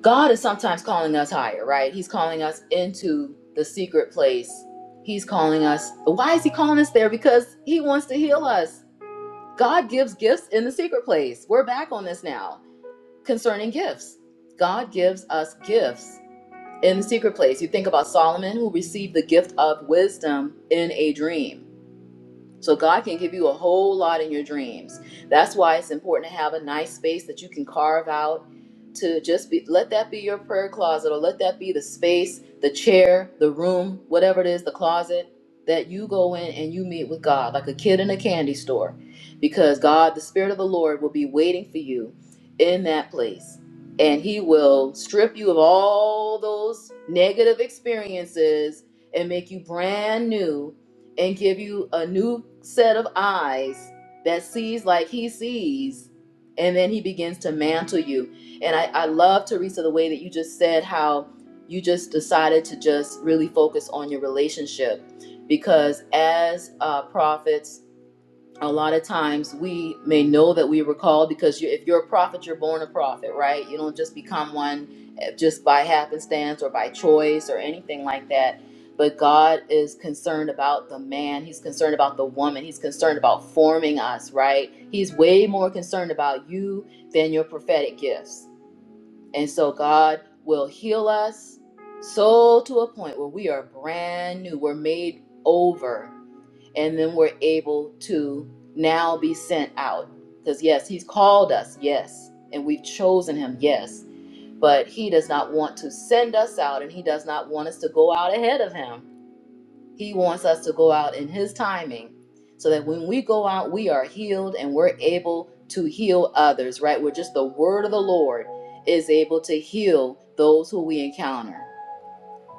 A: God is sometimes calling us higher, right? He's calling us into the secret place. He's calling us. Why is he calling us there? Because he wants to heal us. God gives gifts in the secret place. We're back on this now concerning gifts. God gives us gifts in the secret place. You think about Solomon who received the gift of wisdom in a dream. So God can give you a whole lot in your dreams. That's why it's important to have a nice space that you can carve out to just be let that be your prayer closet or let that be the space, the chair, the room, whatever it is, the closet that you go in and you meet with God like a kid in a candy store because God, the spirit of the Lord will be waiting for you in that place. And he will strip you of all those negative experiences and make you brand new and give you a new set of eyes that sees like he sees and then he begins to mantle you and i, I love teresa the way that you just said how you just decided to just really focus on your relationship because as uh, prophets a lot of times we may know that we were called because you, if you're a prophet, you're born a prophet, right? You don't just become one eh, just by happenstance or by choice or anything like that. But God is concerned about the man. He's concerned about the woman. He's concerned about forming us, right? He's way more concerned about you than your prophetic gifts. And so God will heal us so to a point where we are brand new. We're made over and then we're able to now be sent out. Because, yes, He's called us, yes, and we've chosen Him, yes, but He does not want to send us out and He does not want us to go out ahead of Him. He wants us to go out in His timing so that when we go out, we are healed and we're able to heal others, right? We're just the word of the Lord is able to heal those who we encounter.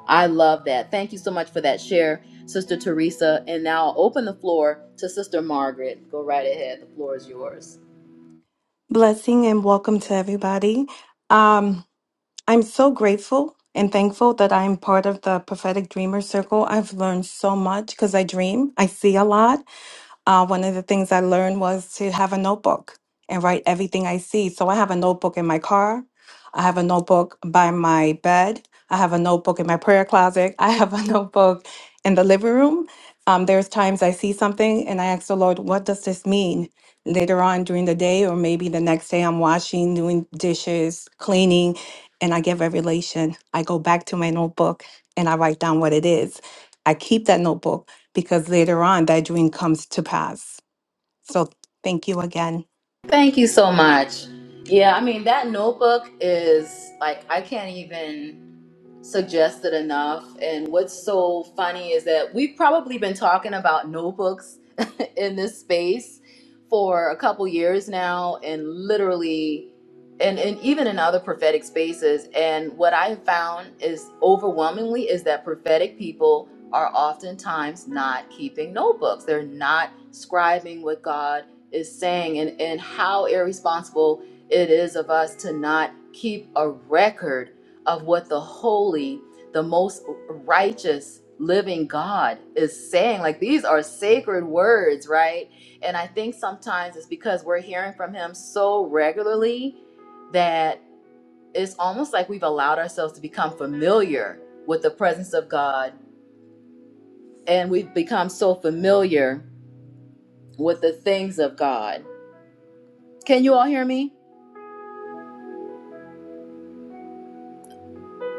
A: I love that. Thank you so much for that share, Sister Teresa. And now I'll open the floor to Sister Margaret. Go right ahead. The floor is yours.
D: Blessing and welcome to everybody. Um, I'm so grateful and thankful that I'm part of the Prophetic Dreamer Circle. I've learned so much because I dream, I see a lot. Uh, one of the things I learned was to have a notebook and write everything I see. So I have a notebook in my car. I have a notebook by my bed. I have a notebook in my prayer closet. [laughs] I have a [laughs] notebook in the living room. Um, there's times I see something and I ask the Lord, what does this mean? Later on during the day, or maybe the next day, I'm washing, doing dishes, cleaning, and I get revelation. I go back to my notebook and I write down what it is. I keep that notebook because later on that dream comes to pass. So thank you again.
A: Thank you so much. Yeah, I mean, that notebook is like, I can't even. suggested enough. And what's so funny is that we've probably been talking about notebooks [laughs] in this space for a couple years now, and literally, and, and even in other prophetic spaces. And what I have found is overwhelmingly is that prophetic people are oftentimes not keeping notebooks, they're not scribing what God is saying, and, and how irresponsible it is of us to not keep a record of what the holy, the most righteous living God is saying. Like these are sacred words, right? And I think sometimes it's because we're hearing from him so regularly that it's almost like we've allowed ourselves to become familiar with the presence of God and we've become so familiar with the things of God. Can you all hear me?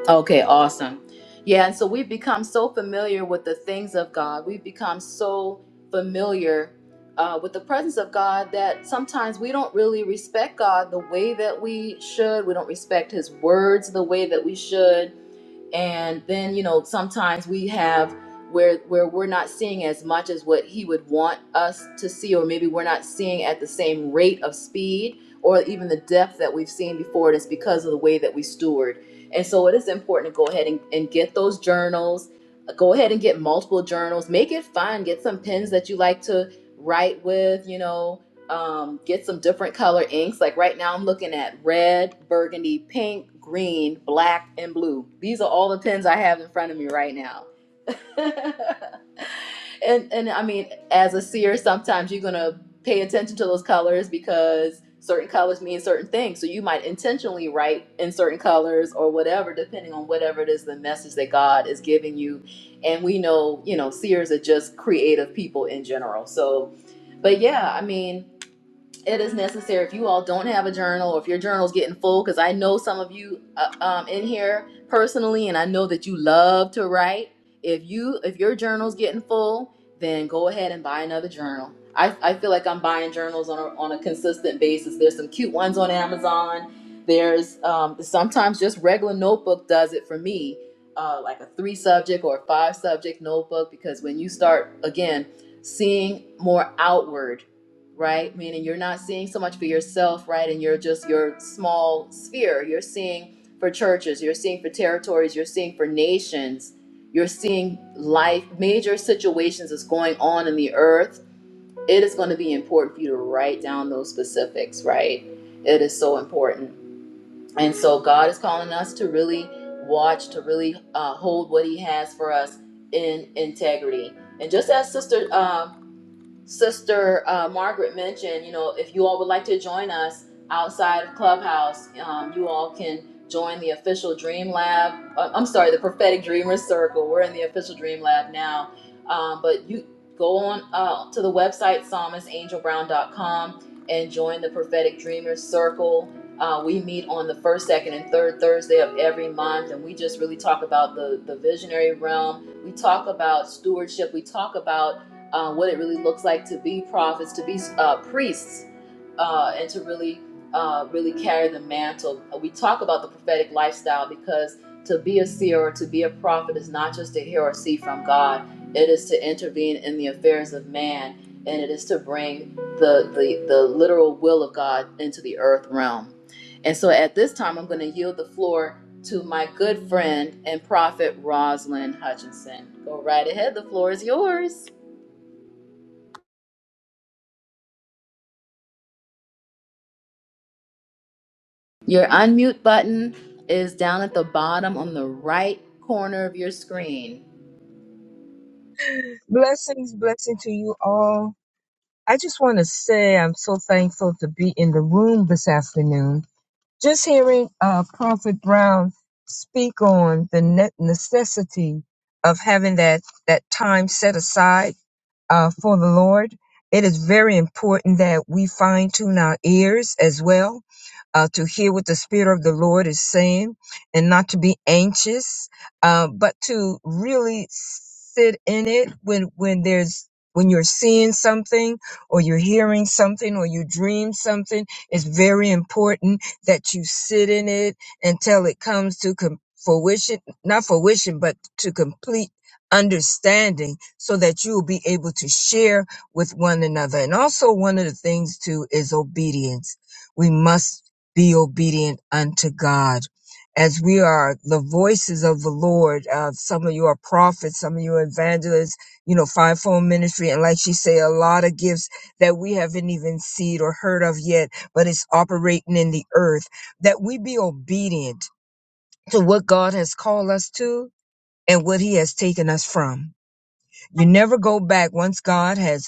A: Okay, awesome. Yeah, and so we've become so familiar with the things of God. We've become so familiar uh, with the presence of God that sometimes we don't really respect God the way that we should. We don't respect His words the way that we should and then you know sometimes we have where where we're not seeing as much as what he would want us to see or maybe we're not seeing at the same rate of speed or even the depth that we've seen before and it's because of the way that we steward and so it is important to go ahead and, and get those journals go ahead and get multiple journals make it fun get some pens that you like to write with you know um, get some different color inks. Like right now, I'm looking at red, burgundy, pink, green, black, and blue. These are all the pens I have in front of me right now. [laughs] and and I mean, as a seer, sometimes you're gonna pay attention to those colors because certain colors mean certain things. So you might intentionally write in certain colors or whatever, depending on whatever it is the message that God is giving you. And we know, you know, seers are just creative people in general. So, but yeah, I mean it is necessary if you all don't have a journal or if your journal's getting full because i know some of you uh, um, in here personally and i know that you love to write if you if your journal's getting full then go ahead and buy another journal i, I feel like i'm buying journals on a, on a consistent basis there's some cute ones on amazon there's um, sometimes just regular notebook does it for me uh, like a three subject or a five subject notebook because when you start again seeing more outward right? Meaning you're not seeing so much for yourself, right? And you're just your small sphere. You're seeing for churches, you're seeing for territories, you're seeing for nations, you're seeing life, major situations that's going on in the earth. It is going to be important for you to write down those specifics, right? It is so important. And so God is calling us to really watch, to really uh, hold what He has for us in integrity. And just as Sister um Sister uh, Margaret mentioned, you know, if you all would like to join us outside of Clubhouse, um, you all can join the official Dream Lab. uh, I'm sorry, the Prophetic Dreamers Circle. We're in the official Dream Lab now. Um, but you go on uh, to the website, psalmistangelbrown.com, and join the Prophetic Dreamers Circle. Uh, we meet on the first, second, and third Thursday of every month, and we just really talk about the, the visionary realm. We talk about stewardship. We talk about uh, what it really looks like to be prophets, to be uh, priests, uh, and to really, uh, really carry the mantle. We talk about the prophetic lifestyle because to be a seer or to be a prophet is not just to hear or see from God; it is to intervene in the affairs of man, and it is to bring the the, the literal will of God into the earth realm. And so, at this time, I'm going to yield the floor to my good friend and prophet Rosalind Hutchinson. Go right ahead. The floor is yours. Your unmute button is down at the bottom on the right corner of your screen.
E: Blessings, blessing to you all. I just want to say I'm so thankful to be in the room this afternoon. Just hearing uh, Prophet Brown speak on the ne- necessity of having that that time set aside uh, for the Lord. It is very important that we fine tune our ears as well uh, to hear what the Spirit of the Lord is saying and not to be anxious, uh, but to really sit in it when, when there's when you're seeing something or you're hearing something or you dream something, it's very important that you sit in it until it comes to com- fruition, not fruition, but to complete understanding so that you will be able to share with one another. And also one of the things too is obedience. We must be obedient unto God. As we are the voices of the Lord, uh, some of you are prophets, some of you are evangelists, you know, fivefold ministry, and like she say, a lot of gifts that we haven't even seen or heard of yet, but it's operating in the earth. That we be obedient to what God has called us to and what He has taken us from. You never go back once God has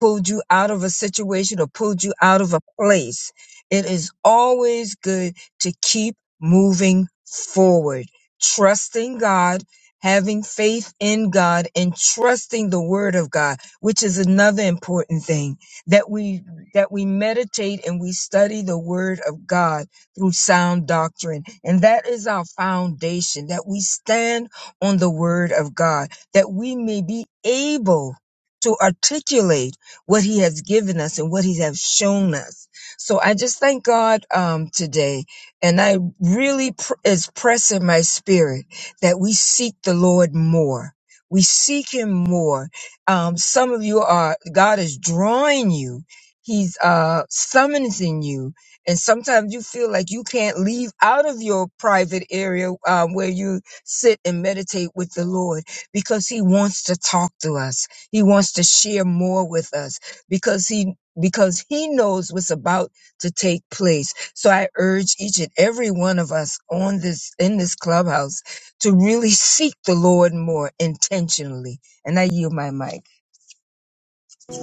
E: pulled you out of a situation or pulled you out of a place. It is always good to keep moving forward, trusting God, having faith in God, and trusting the word of God, which is another important thing that we, that we meditate and we study the word of God through sound doctrine. And that is our foundation, that we stand on the word of God, that we may be able to articulate what he has given us and what he has shown us. So I just thank God um, today. And I really, pr- it's pressing my spirit that we seek the Lord more. We seek him more. Um, some of you are, God is drawing you. He's uh, summoning you. And sometimes you feel like you can't leave out of your private area um, where you sit and meditate with the Lord because he wants to talk to us. He wants to share more with us because he because he knows what's about to take place. So I urge each and every one of us on this in this clubhouse to really seek the Lord more intentionally. And I yield my mic.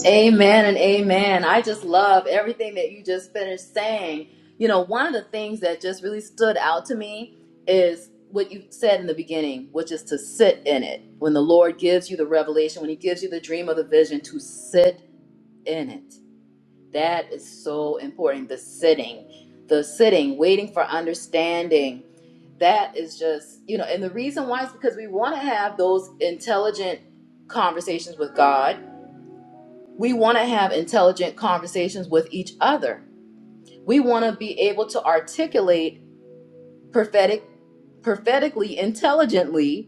A: Amen and amen. I just love everything that you just finished saying. You know, one of the things that just really stood out to me is what you said in the beginning, which is to sit in it. When the Lord gives you the revelation, when He gives you the dream of the vision, to sit in it. That is so important. The sitting, the sitting, waiting for understanding. That is just, you know, and the reason why is because we want to have those intelligent conversations with God. We want to have intelligent conversations with each other. We want to be able to articulate prophetic prophetically intelligently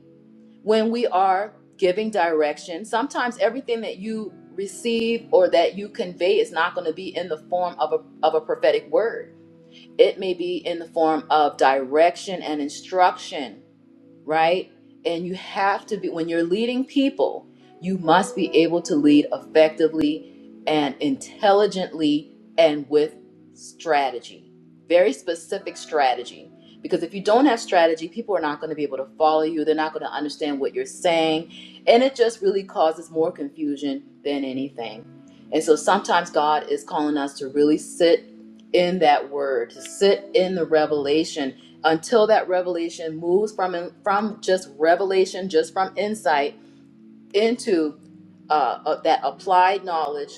A: when we are giving direction, sometimes everything that you receive or that you convey is not going to be in the form of a, of a prophetic word. It may be in the form of direction and instruction right? And you have to be, when you're leading people, you must be able to lead effectively and intelligently and with strategy, very specific strategy. Because if you don't have strategy, people are not going to be able to follow you. They're not going to understand what you're saying. And it just really causes more confusion than anything. And so sometimes God is calling us to really sit in that word, to sit in the revelation until that revelation moves from from just revelation, just from insight into uh, uh, that applied knowledge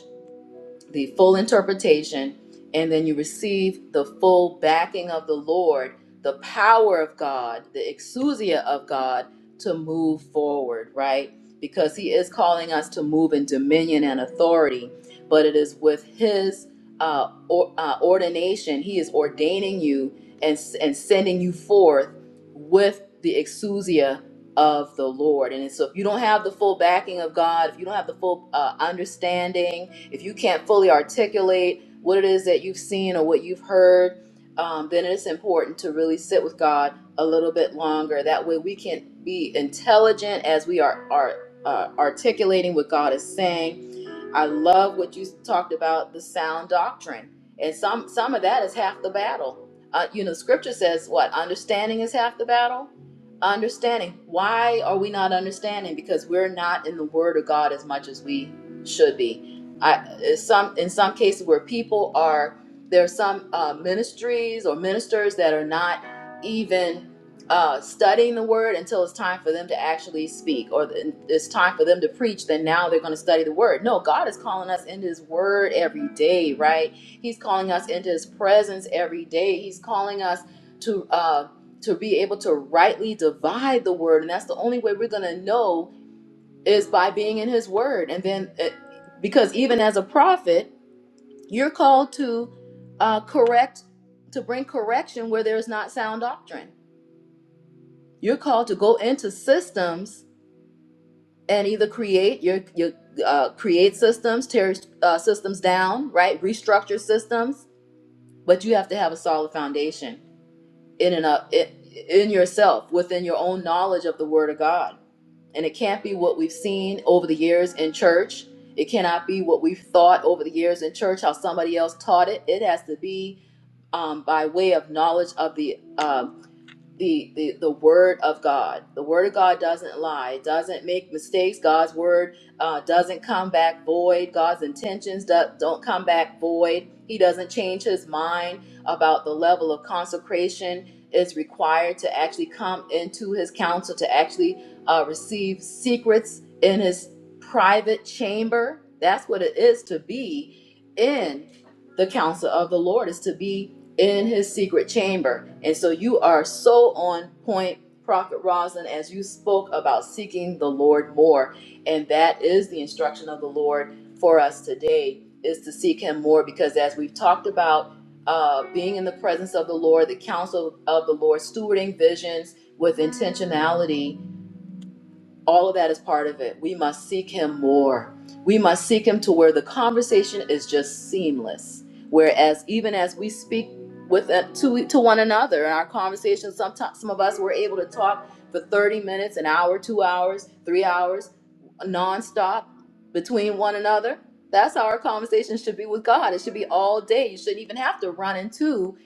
A: the full interpretation, and then you receive the full backing of the Lord, the power of God, the exousia of God to move forward, right? Because He is calling us to move in dominion and authority, but it is with His uh, or, uh, ordination. He is ordaining you and, and sending you forth with the exousia of the Lord. And so, if you don't have the full backing of God, if you don't have the full uh, understanding, if you can't fully articulate what it is that you've seen or what you've heard, um, then it's important to really sit with God a little bit longer. That way we can be intelligent as we are, are uh, articulating what God is saying I love what you talked about the sound doctrine, and some some of that is half the battle. Uh, you know, Scripture says what understanding is half the battle. Understanding. Why are we not understanding? Because we're not in the Word of God as much as we should be. I it's some in some cases where people are there are some uh, ministries or ministers that are not even uh, studying the word until it's time for them to actually speak or the, it's time for them to preach, then now they're going to study the word. No, God is calling us into his word every day, right? He's calling us into his presence every day. He's calling us to, uh, to be able to rightly divide the word. And that's the only way we're going to know is by being in his word. And then, it, because even as a prophet, you're called to uh, correct, to bring correction where there's not sound doctrine you're called to go into systems and either create your your uh, create systems, tear uh, systems down, right? Restructure systems, but you have to have a solid foundation in and up in, in yourself, within your own knowledge of the Word of God. And it can't be what we've seen over the years in church. It cannot be what we've thought over the years in church, how somebody else taught it. It has to be um, by way of knowledge of the uh, the, the the word of God. The word of God doesn't lie. It doesn't make mistakes. God's word uh, doesn't come back void. God's intentions do, don't come back void. He doesn't change his mind about the level of consecration is required to actually come into his counsel to actually uh, receive secrets in his private chamber. That's what it is to be in the counsel of the Lord is to be in his secret chamber. And so you are so on point, Prophet Roslyn, as you spoke about seeking the Lord more. And that is the instruction of the Lord for us today is to seek him more because as we've talked about uh, being in the presence of the Lord, the counsel of the Lord, stewarding visions with intentionality, all of that is part of it. We must seek Him more. We must seek Him to where the conversation is just seamless. Whereas, even as we speak with uh, to to one another in our conversations, sometimes some of us were able to talk for thirty minutes, an hour, two hours, three hours, nonstop between one another. That's how our conversation should be with God. It should be all day. You shouldn't even have to run into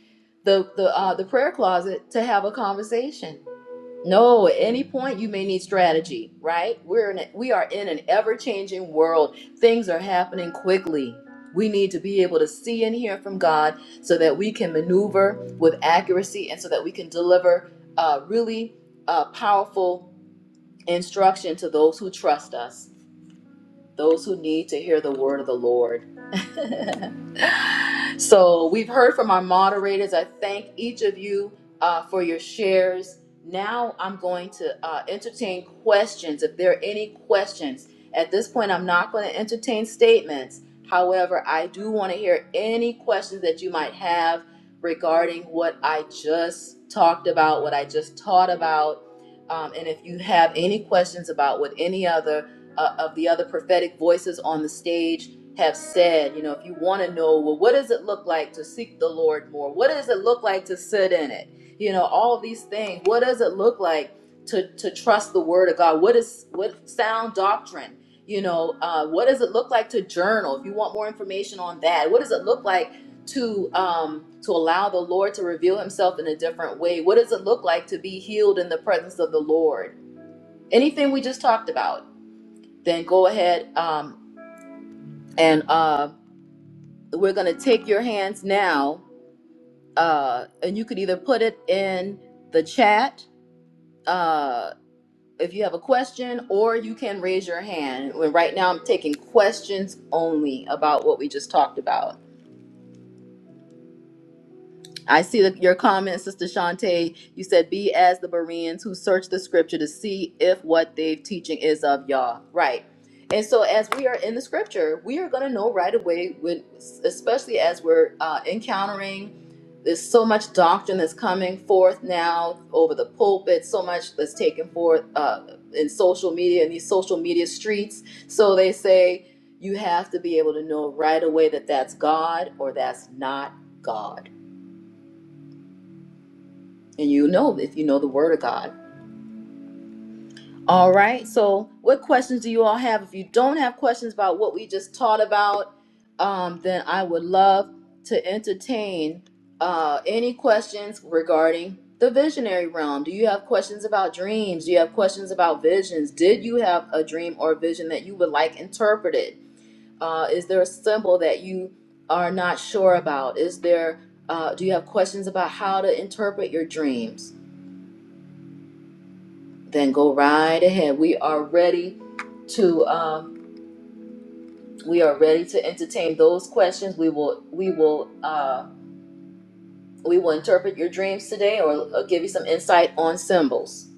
A: the the uh, the prayer closet to have a conversation no, at any point you may need strategy, right? We're in a, we are in an ever-changing world. Things are happening quickly. We need to be able to see and hear from God so that we can maneuver with accuracy and so that we can deliver uh, really uh, powerful instruction to those who trust us, those who need to hear the word of the Lord. [laughs] So we've heard from our moderators. I thank each of you uh, for your shares. Now I'm going to uh, entertain questions. If there are any questions, at this point, I'm not going to entertain statements. However, I do want to hear any questions that you might have regarding what I just talked about, what I just taught about. Um, and if you have any questions about what any other uh, of the other prophetic voices on the stage have said, you know, if you want to know, well, what does it look like to seek the Lord more? What does it look like to sit in it? You know, all of these things. What does it look like to to trust the Word of God? What is what sound doctrine? You know, uh, what does it look like to journal? If you want more information on that, what does it look like to um, to allow the Lord to reveal Himself in a different way? What does it look like to be healed in the presence of the Lord? Anything we just talked about, then go ahead um, and uh, we're going to take your hands now uh, and you could either put it in the chat uh, if you have a question or you can raise your hand Well, right now i'm taking questions only about what we just talked about I see the, your comment, Sister Shantae. You said, "Be as the Bereans who search the Scripture to see if what they're teaching is of Yah." Right. And so, as we are in the Scripture, we are going to know right away when, especially as we're uh, encountering. There's so much doctrine that's coming forth now over the pulpit. So much that's taken forth uh, in social media in these social media streets. So they say you have to be able to know right away that that's God or that's not God. And you know if you know the Word of God. All right. So, what questions do you all have? If you don't have questions about what we just taught about, um, then I would love to entertain uh, any questions regarding the visionary realm. Do you have questions about dreams? Do you have questions about visions? Did you have a dream or vision that you would like interpreted? Uh, is there a symbol that you are not sure about? Is there? Uh, do you have questions about how to interpret your dreams? Then go right ahead. We are ready to um, we are ready to entertain those questions. We will we will uh, we will interpret your dreams today or uh, give you some insight on symbols.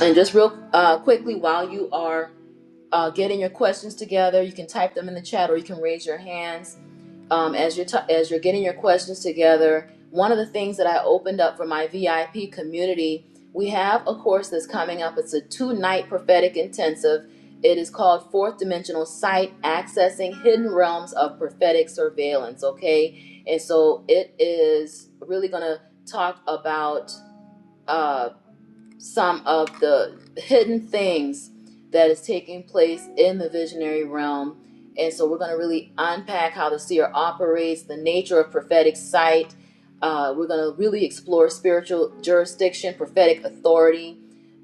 A: And just real uh, quickly, while you are uh, getting your questions together. You can type them in the chat or you can raise your hands um, as you're as you're getting your questions together. One of the things that I opened up for my VIP community, we have a course that's coming up. It's a two night prophetic intensive. It is called Fourth Dimensional Sight Accessing Hidden Realms of Prophetic Surveillance. Okay, and so it is really going to talk about. uh, some of the hidden things that is taking place in the visionary realm. And so we're going to really unpack how the seer operates, the nature of prophetic sight. Uh, we're going to really explore spiritual jurisdiction, prophetic authority,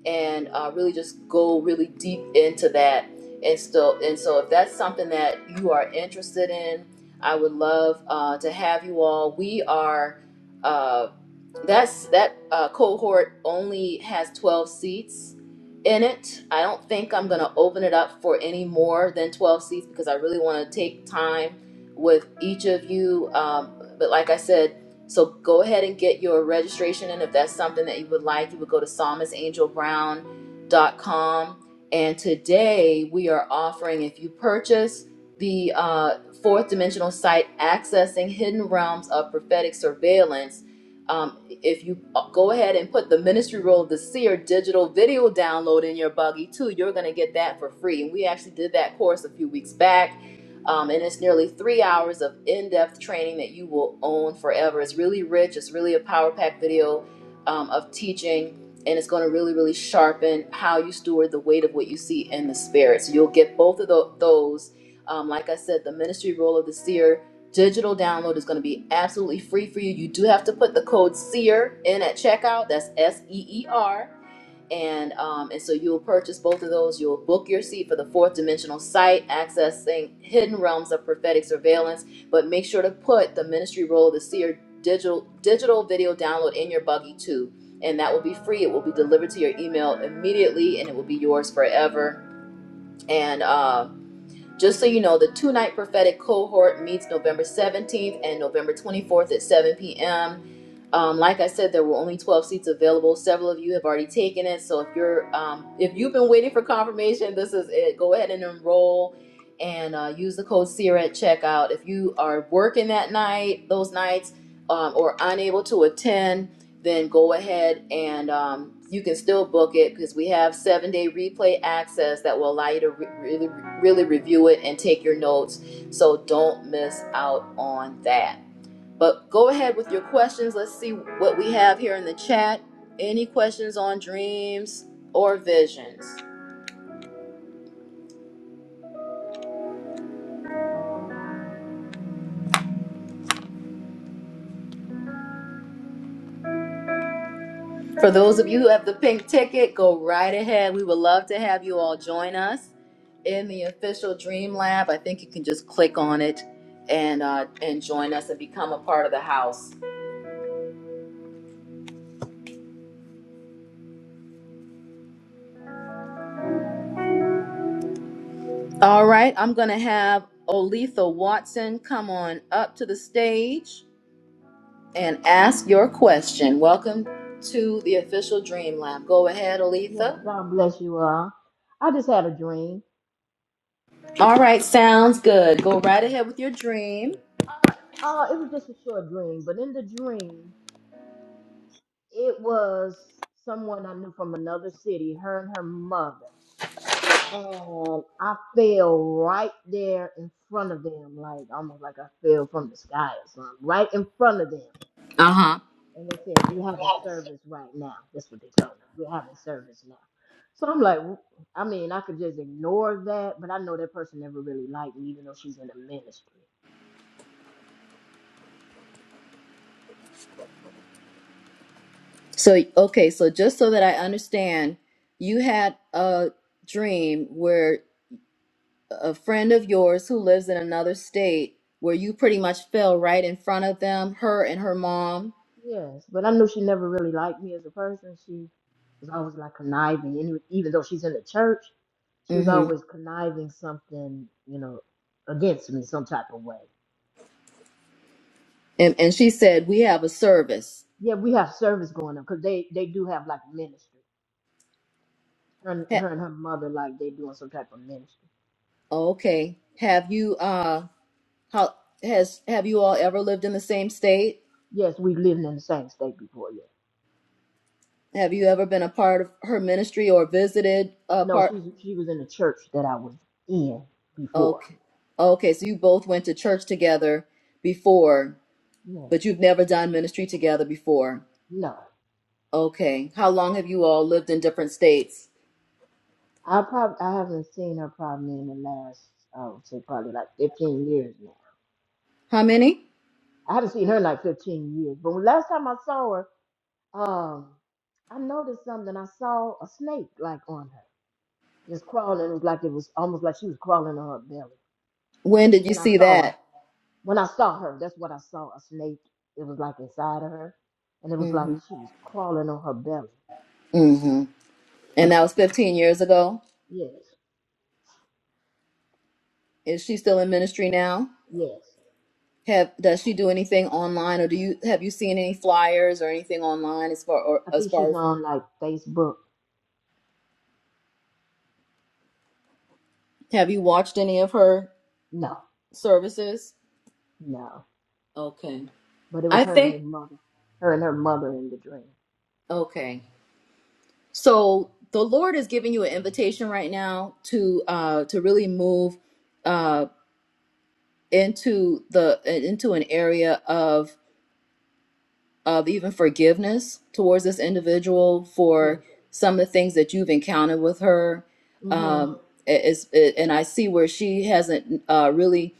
A: and uh, really just go really deep into that. And so, and so, if that's something that you are interested in, I would love uh, to have you all. We are. uh, that's that uh, cohort only has 12 seats in it. I don't think I'm going to open it up for any more than 12 seats because I really want to take time with each of you. Um, but like I said, so go ahead and get your registration in if that's something that you would like. You would go to psalmist angel brown dot com. And today we are offering if you purchase the uh, fourth dimensional site, Accessing Hidden Realms of Prophetic Surveillance um, if you uh, go ahead and put the ministry role of the seer digital video download in your buggy too you're going to get that for free and we actually did that course a few weeks back um, and it's nearly three hours of in-depth training that you will own forever it's really rich it's really a power pack video um, of teaching and it's going to really really sharpen how you steward the weight of what you see in the spirit so you'll get both of tho- those um, like i said the ministry role of the seer Digital download is going to be absolutely free for you. You do have to put the code SEER in at checkout. That's S E E R. And um, and so you'll purchase both of those. You'll book your seat for the fourth dimensional site, accessing hidden realms of prophetic surveillance. But make sure to put the ministry role of the seer digital digital video download in your buggy too. And that will be free. It will be delivered to your email immediately, and it will be yours forever. And uh, just so you know, the two night prophetic cohort meets November 17th and November 24th at 7 p.m. Um, like I said, there were only 12 seats available. Several of you have already taken it. So if you're um, if you've been waiting for confirmation, this is it. Go ahead and enroll and uh, use the code SEER at checkout. If you are working that night, those nights, um, or unable to attend, then go ahead and um, you can still book it because we have seven day replay access that will allow you to re- really, really review it and take your notes. So don't miss out on that. But go ahead with your questions. Let's see what we have here in the chat. Any questions on dreams or visions? For those of you who have the pink ticket, go right ahead. We would love to have you all join us. in the official Dream Lab. I think you can just click on it and uh, and join us and become a part of the house. All right, I'm gonna have Olitha Watson come on up to the stage and ask your question. Welcome to the official Dream Lab. Go ahead,
F: Yes,
A: Olitha.
F: God bless you all. I just had a dream.
A: All right, sounds good. Go right ahead with your dream.
F: Uh, it was just a short dream, but in the dream, it was someone I knew from another city, her and her mother. And I fell right there in front of them, like almost like I fell from the sky or something, right in front of them.
A: Uh huh.
F: and they said we're having service right now. That's what they told me. We're having service now. So I'm like, w- I mean, I could just ignore that, but I know that person never really liked me, even though she's in the ministry.
A: So okay, so just so that I understand, you had a dream where a friend of yours who lives in another state where you pretty much fell right in front of them, her and her mom.
F: Yes, but I knew she never really liked me as a person. She was always like conniving, and even though she's in the church, she was
A: hmm
F: always conniving something, you know, against me some type of way.
A: And and she said, "We have a service."
F: Yeah, we have service going on because they they do have like ministry. Her, and-
A: Ha-
F: her and her mother like they doing some type of ministry.
A: okay. Have you uh how has have you all ever lived in the same state?
F: Yes, we lived in the same state before, yeah.
A: Have you ever been a part of her ministry or visited a
F: No,
A: part?
F: she she was in the church that I was in before.
A: Okay. Okay, so you both went to church together before,
F: Yeah.
A: but you've never done ministry together before.
F: No.
A: Okay. How long have you all lived in different states?
F: I probably I haven't seen her probably in the last I would say probably like fifteen years now.
A: How many?
F: I haven't seen her in like fifteen years. But when last time I saw her, um, I noticed something. I saw a snake like on her. Just crawling. It was like it was almost like she was crawling on her belly.
A: When did you
F: When I
A: see
F: saw her.
A: that?
F: When I saw her, that's what I saw a snake. It was like inside of her, and it was
A: mm
F: like she was crawling on her belly.
A: hmm mm hmm And that was 15 years ago.
F: Yes,
A: Is she still in ministry now?
F: yes.
A: Have does she do anything online, or do you have you seen any flyers or anything online as far or
F: I
A: as
F: think
A: far
F: she's
A: as
F: on like Facebook.
A: have you watched any of her
F: No,
A: services?
F: no.
A: Okay,
F: But it was
A: I
F: her and her
A: think
F: mother. Her and her mother in the dream.
A: okay. So the Lord is giving you an invitation right now to uh to really move uh into the into an area of. of even forgiveness towards this individual
F: Yeah.
A: for some of the things that you've encountered with her.
F: Mm-hmm.
A: Um, it- it's, it, and I see where she hasn't uh, really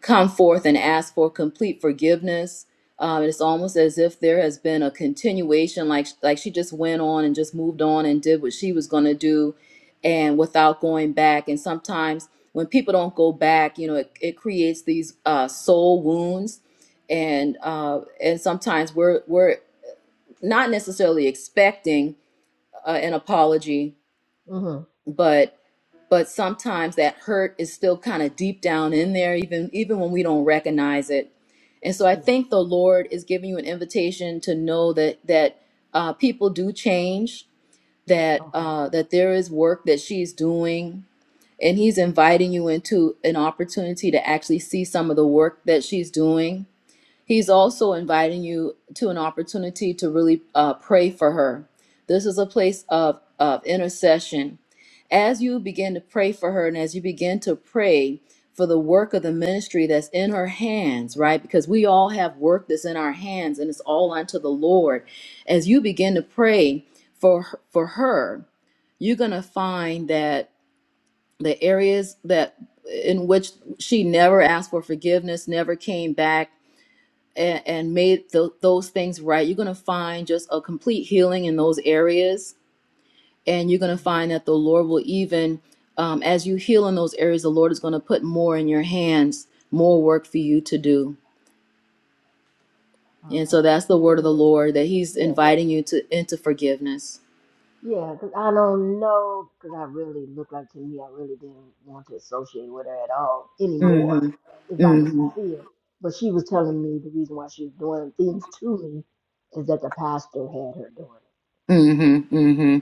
A: come forth and ask for complete forgiveness. Um, it's almost as if there has been a continuation, like like she just went on and just moved on and did what she was going to do, and without going back. And sometimes when people don't go back, you know, it, it creates these uh, soul wounds, and uh, and sometimes we're we're not necessarily expecting uh, an apology
F: Mm-hmm.
A: but but sometimes that hurt is still kind of deep down in there even even when we don't recognize it and so i think
F: Yeah.
A: the lord is giving you an invitation to know that that uh, people do change that
F: Okay.
A: uh, that there is work that she's doing and he's inviting you into an opportunity to actually see some of the work that she's doing He's also inviting you to an opportunity to really uh, pray for her. This is a place of, of intercession. As you begin to pray for her and as you begin to pray for the work of the ministry that's in her hands, right? Because we all have work that's in our hands and it's all unto the Lord. As you begin to pray for her- for her, you're going to find that the areas that in which she never asked for forgiveness, never came back and, and made tho- those things right, you're going to find just a complete healing in those areas. And you're going to
F: Mm.
A: find that the Lord will even, um, as you heal in those areas, the Lord is going to put more in your hands, more work for you to do. And so
F: Okay. 'Cause
A: that's the
F: she
A: word of the
F: said,
A: Lord that He's
F: yeah.
A: inviting you to into forgiveness.
F: Yeah, 'cause I don't know, because I really looked like to me, I really didn't want to associate with her at all anymore,
A: hmm
F: if I was
A: hmm
F: sincere. But she was telling me the reason why she was doing things to me is that the pastor had her doing
A: Mm-hmm, mm-hmm.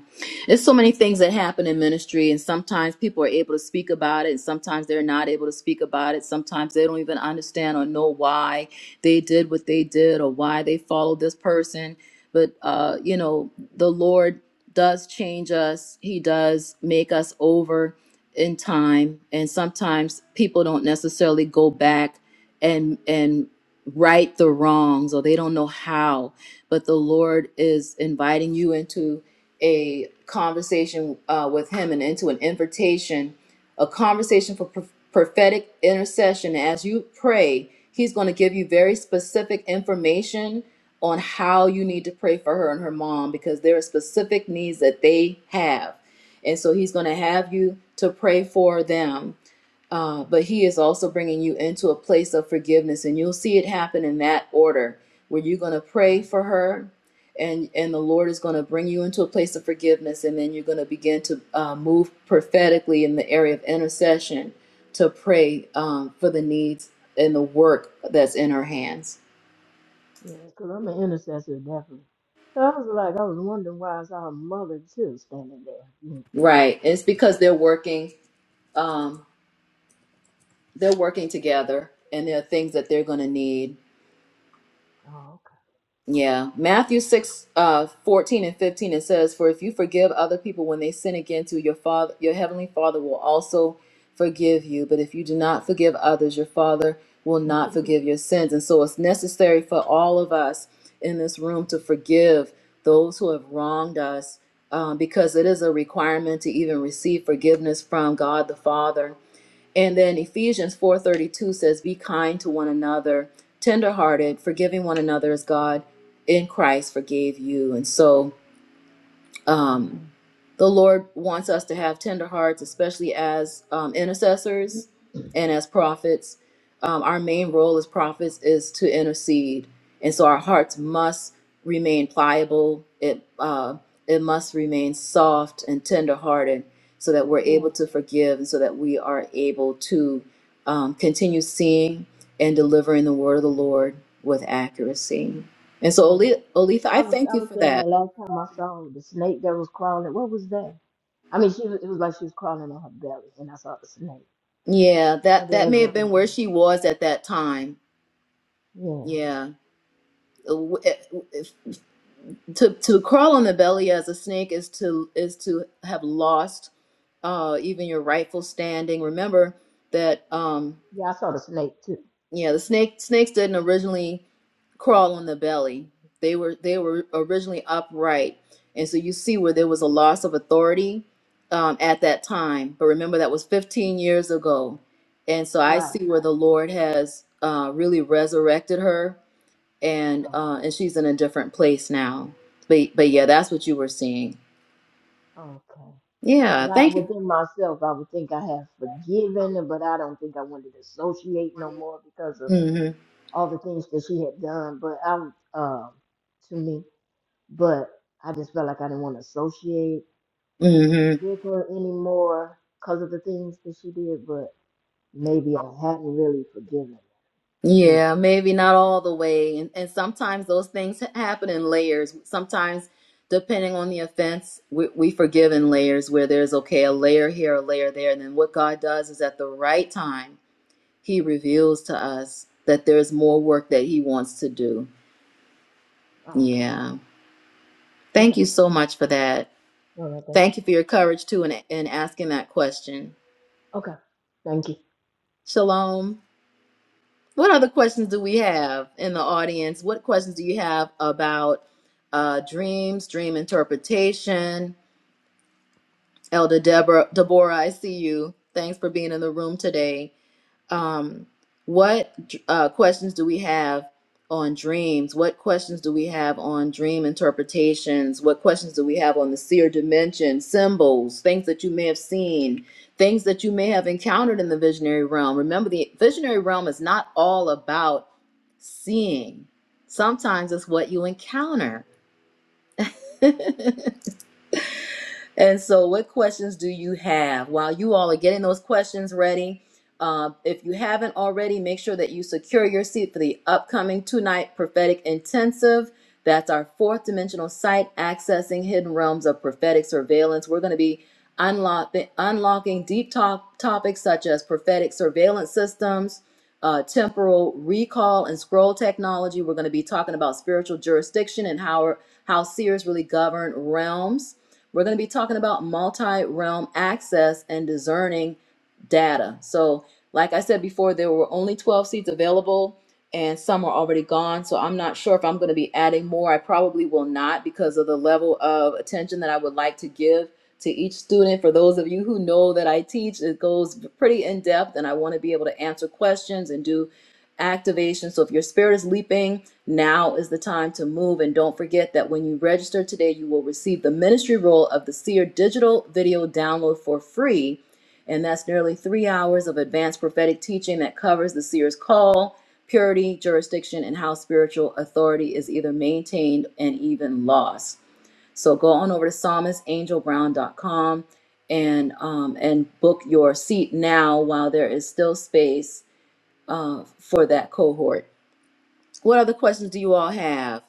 A: There's so many things that happen in ministry, and sometimes people are able to speak about it, and sometimes they're not able to speak about it. Sometimes they don't even understand or know why they did what they did or why they followed this person. But uh, you know, the Lord does change us. He does make us over in time, and sometimes people don't necessarily go back and and right the wrongs, or they don't know how but the Lord is inviting you into a conversation uh, with Him and into an invitation, a conversation for pro- prophetic intercession. As you pray, He's going to give you very specific information on how you need to pray for her and her mom because there are specific needs that they have. And so He's going to have you to pray for them uh, but he is also bringing you into a place of forgiveness and you'll see it happen in that order where you're going to
F: it.
A: pray for her and and the lord is going to bring you into a place of forgiveness and then you're going to begin to uh, move prophetically in the area of intercession to pray um, for the needs and the work that's in her hands
F: Yeah, yeah, because I'm an intercessor, definitely. So I was like, I was wondering why I saw her mother too standing there. Mm, yeah.
A: right it's because they're working um, they're working together and there are things that they're going to need
F: Oh,
A: Yeah. Matthew 6, uh, 14 and 15, it says, For if you forgive other people when they sin against you, your father your heavenly father will also forgive you. But if you do not forgive others, your father will not
F: okay. [laughs]
A: forgive your sins. And so it's necessary for all of us in this room to forgive those who have wronged us, um, because it is a requirement to even receive forgiveness from God the Father. And then Ephesians 4:32 says, "Be kind to one another, tenderhearted, forgiving one another as God in Christ forgave you." And so, um,
F: Okay.
A: the Lord wants us to have tender hearts, especially as um,
F: Mm,
A: intercessors and as prophets. Um, our main role as prophets is to intercede, and so our hearts must remain pliable. It uh, it must remain soft and tender-hearted, so that we're
F: Yeah,
A: able to forgive, and so that we are able to um, continue seeing and delivering the word of the Lord with accuracy. And so,
F: yeah.
A: Oli- Olitha, I
F: I was
A: thank
F: I
A: you
F: was
A: for
F: saying
A: that.
F: the last time I saw the snake that was crawling, what was that? I mean, she was, it was like she was crawling on her belly, and I saw the snake.
A: Yeah,
F: What
A: that
F: did I
A: that may have
F: look at?
A: been where she was at that time.
F: Yeah,
A: Yeah. Uh, w- if- if- To to crawl on the belly as a snake is to is to have lost uh even your rightful standing. Remember that um
F: yeah, I saw the snake too.
A: Yeah, the snake snakes didn't originally crawl on the belly. They were they were originally upright, and so you see where there
F: hmm
A: was a loss of authority um, at that time. But remember that was 15 years ago, and so I
F: Right.
A: see where the Lord has uh, really resurrected her, and
F: Okay.
A: uh, and she's in a different place now. But but yeah, that's what you were seeing.
F: Okay.
A: Yeah,
F: Because I
A: thank you.
F: within myself, I would think I have forgiven, her, but I don't think I wanted to associate no more because of
A: hmm
F: all the things that she had done. But I, was, um, to me, but I just felt like I didn't want to associate
A: hmm
F: with her anymore because of the things that she did. But maybe I hadn't really forgiven, her, you know.
A: Yeah, maybe not all the way. And, and sometimes those things ha- happen in layers. Sometimes, depending on the offense, we, we forgive in layers where there's, okay, a layer here, a layer there. And then what God does is at the right time, He reveals to us that there's more work that He wants to do.
F: Oh,
A: Yeah.
F: okay.
A: Thank you so much for that.
F: All right, thank you.
A: Thank you for your courage, too, in, in asking that question.
F: Okay, thank you.
A: Shalom. What other questions do we have in the audience? What questions do you have about uh, dreams, dream interpretation? Elder Deborah, Deborah, I see you. Thanks for being in the room today um, what uh, questions do we have on dreams? What questions do we have on dream interpretations? What questions do we have on the seer dimension, symbols, things that you may have seen, things that you may have encountered in the visionary realm? Remember, the visionary realm is not all about seeing, sometimes it's what you encounter. [laughs] And so, what questions do you have? While you all are getting those questions ready, uh, if you haven't already, make sure that you secure your seat for the upcoming two night prophetic intensive. That's our fourth dimensional site, accessing hidden realms of prophetic surveillance. We're going to be unlock, unlocking deep talk, topics such as prophetic surveillance systems, uh, temporal recall, and scroll technology. We're going to be talking about spiritual jurisdiction and how, how seers really govern realms. We're going to be talking about multi realm access and discerning data. So, like I said before, there were only 12 seats available and some are already gone. So, I'm not sure if I'm going to be adding more. I probably will not because of the level of attention that I would like to give to each student. For those of you who know that I teach, it goes pretty in depth and I want to be able to answer questions and do activation. So if your spirit is leaping, now is the time to move. And don't forget that when you register today, you will receive the ministry role of the Seer digital video download for free. And that's nearly three hours of advanced prophetic teaching that covers the seer's call, purity, jurisdiction, and how spiritual authority is either maintained and even lost. So go on over to psalmistangelbrown.com and um, and book your seat now while there is still space uh, for that cohort. What other questions do you all have?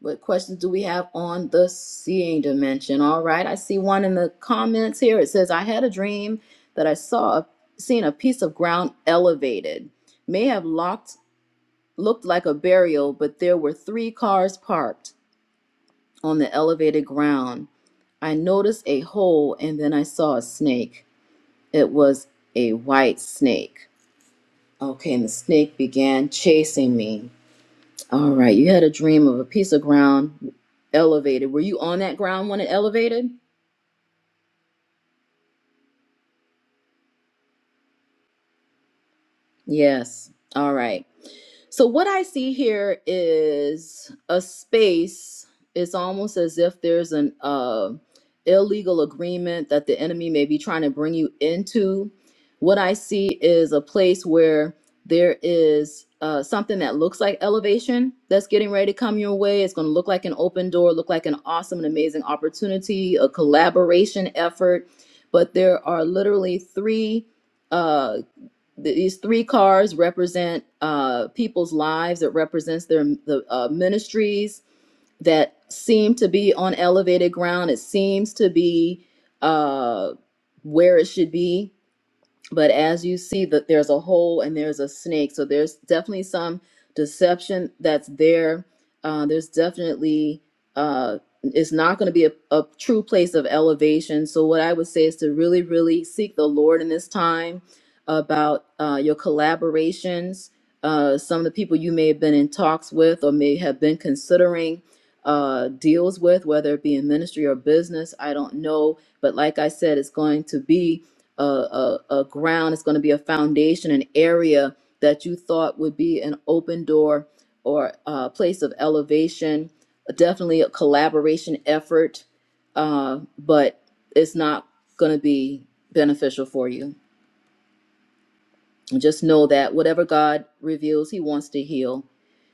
A: What questions do we have on the seeing dimension? All right, I see one in the comments here. It says, "I had a dream that I saw a, seen a piece of ground elevated. May have locked looked like a burial, but there were three cars parked on the elevated ground. I noticed a hole, and then I saw a snake. It was a white snake. Okay, and the snake began chasing me. All right. You had a dream of a piece of ground elevated. Were you on that ground when it elevated? Yes. All right. So what I see here is a space. It's almost as if there's an uh, illegal agreement that the enemy may be trying to bring you into. What I see is a place where there is uh, something that looks like elevation that's getting ready to come your way. It's going to look like an open door, look like an awesome and amazing opportunity, a collaboration effort. But there are literally three uh, these three cars represent uh, people's lives. It represents their the uh, ministries that seem to be on elevated ground. It seems to be uh, where it should be but as you see that there's a hole and there's a snake so there's definitely some deception that's there uh, there's definitely uh, it's not going to be a, a true place of elevation so what i would say is to really really seek the lord in this time about uh, your collaborations uh, some of the people you may have been in talks with or may have been considering uh, deals with whether it be in ministry or business i don't know but like i said it's going to be a, a, a ground, it's going to be a foundation, an area that you thought would be an open door or a place of elevation, definitely a collaboration effort, uh, but it's not going to be beneficial for you. Just know that whatever God reveals, He wants to heal.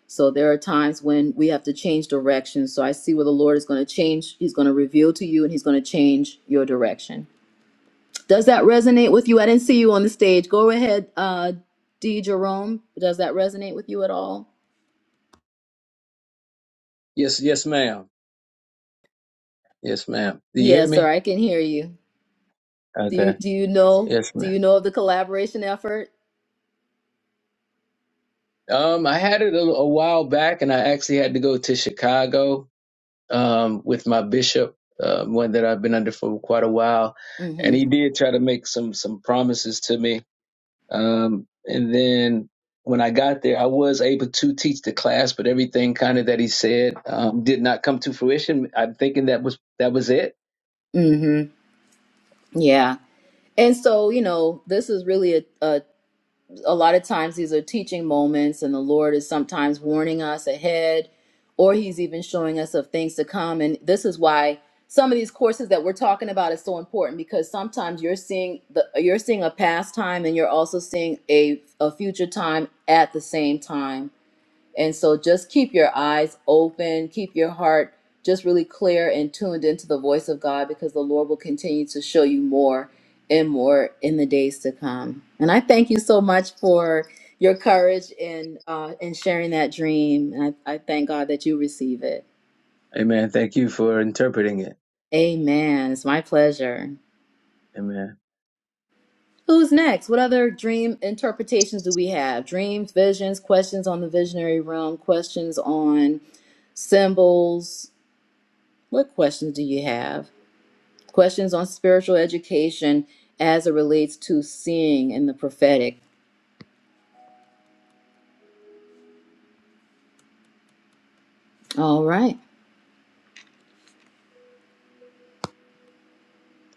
A: So there are times when we have to change direction. So I see where the Lord is going to change. He's going to reveal to you and He's going to change your direction. Does that resonate with you? I didn't see you on the stage. Go ahead, uh, D. Jerome. Does that resonate with you at all?
G: Yes, yes, ma'am. Yes, ma'am. Do you hear
A: Yes, sir.
G: me?
A: I can hear you. Do you
G: Okay.
A: do you know
G: Yes,
A: do
G: ma'am.
A: you know of the collaboration effort?
G: Um, I had it a, a while back, and I actually had to go to Chicago um, with my bishop, uh, one that I've been under for quite a while, and
A: Mm-hmm.
G: he did try to make some some promises to me. Um, and then when I got there, I was able to teach the class, but everything kind of that he said um, did not come to fruition. I'm thinking that was that was it.
A: Mm-hmm. Yeah. And so you know, this is really a, a a lot of times these are teaching moments, and the Lord is sometimes warning us ahead, or He's even showing us of things to come. And this is why some of these courses that we're talking about is so important because sometimes you're seeing the you're seeing a past time and you're also seeing a a future time at the same time and so just keep your eyes open, keep your heart just really clear and tuned into the voice of God because the Lord will continue to show you more and more in the days to come. And I thank you so much for your courage in uh, in sharing that dream. And I, I thank God that you receive it.
G: Amen. Thank you for interpreting it.
A: Amen. It's my pleasure.
G: Amen.
A: Who's next? What other dream interpretations do we have? Dreams, visions, questions on the visionary realm, questions on symbols. What questions do you have? questions on spiritual education as it relates to seeing in the prophetic. All right.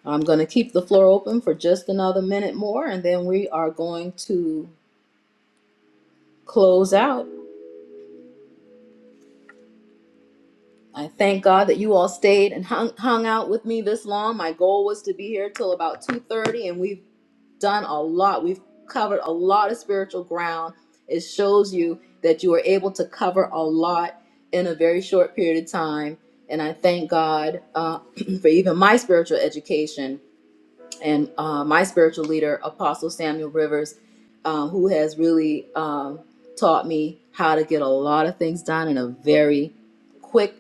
A: I'm going to keep the floor open for just another minute more, and then we are going to close out. I thank God that you all stayed and hung, hung out with me this long. My goal was to be here till about 2:30 and we've done a lot. We've covered a lot of spiritual ground. It shows you that you were able to cover a lot in a very short period of time. And I thank God uh, [clears throat] for even my spiritual education and uh, my spiritual leader, Apostle Samuel Rivers, uh, who has really um, taught me how to get a lot of things done in a very quick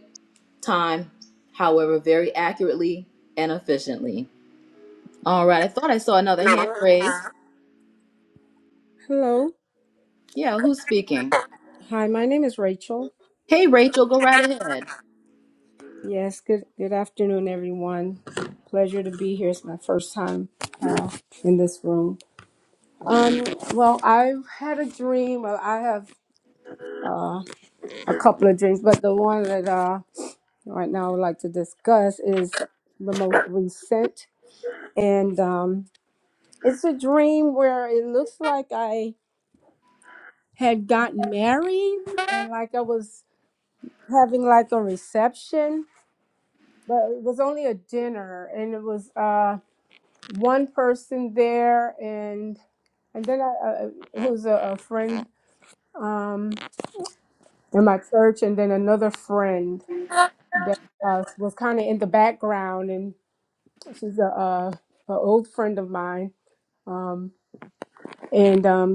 A: time, however, very accurately and efficiently. All right, I thought I saw another hand raised.
H: Hi,
A: Yeah, who's speaking?
H: my name is Rachel.
A: Hey, Rachel, go right ahead.
H: Yes, good good afternoon, everyone. Pleasure to be here. It's my first time uh, in this room. Um, well, I've had a dream. Well, I have uh, a couple of dreams, but the one that uh, right now I would like to discuss is the most recent, and um, it's a dream where it looks like I had gotten married and like I was having like a reception but it was only a dinner and it was uh one person there and and then I uh, it was a, a friend um in my church and then another friend that uh, was kind of in the background and she's a, uh a old friend of mine um, and um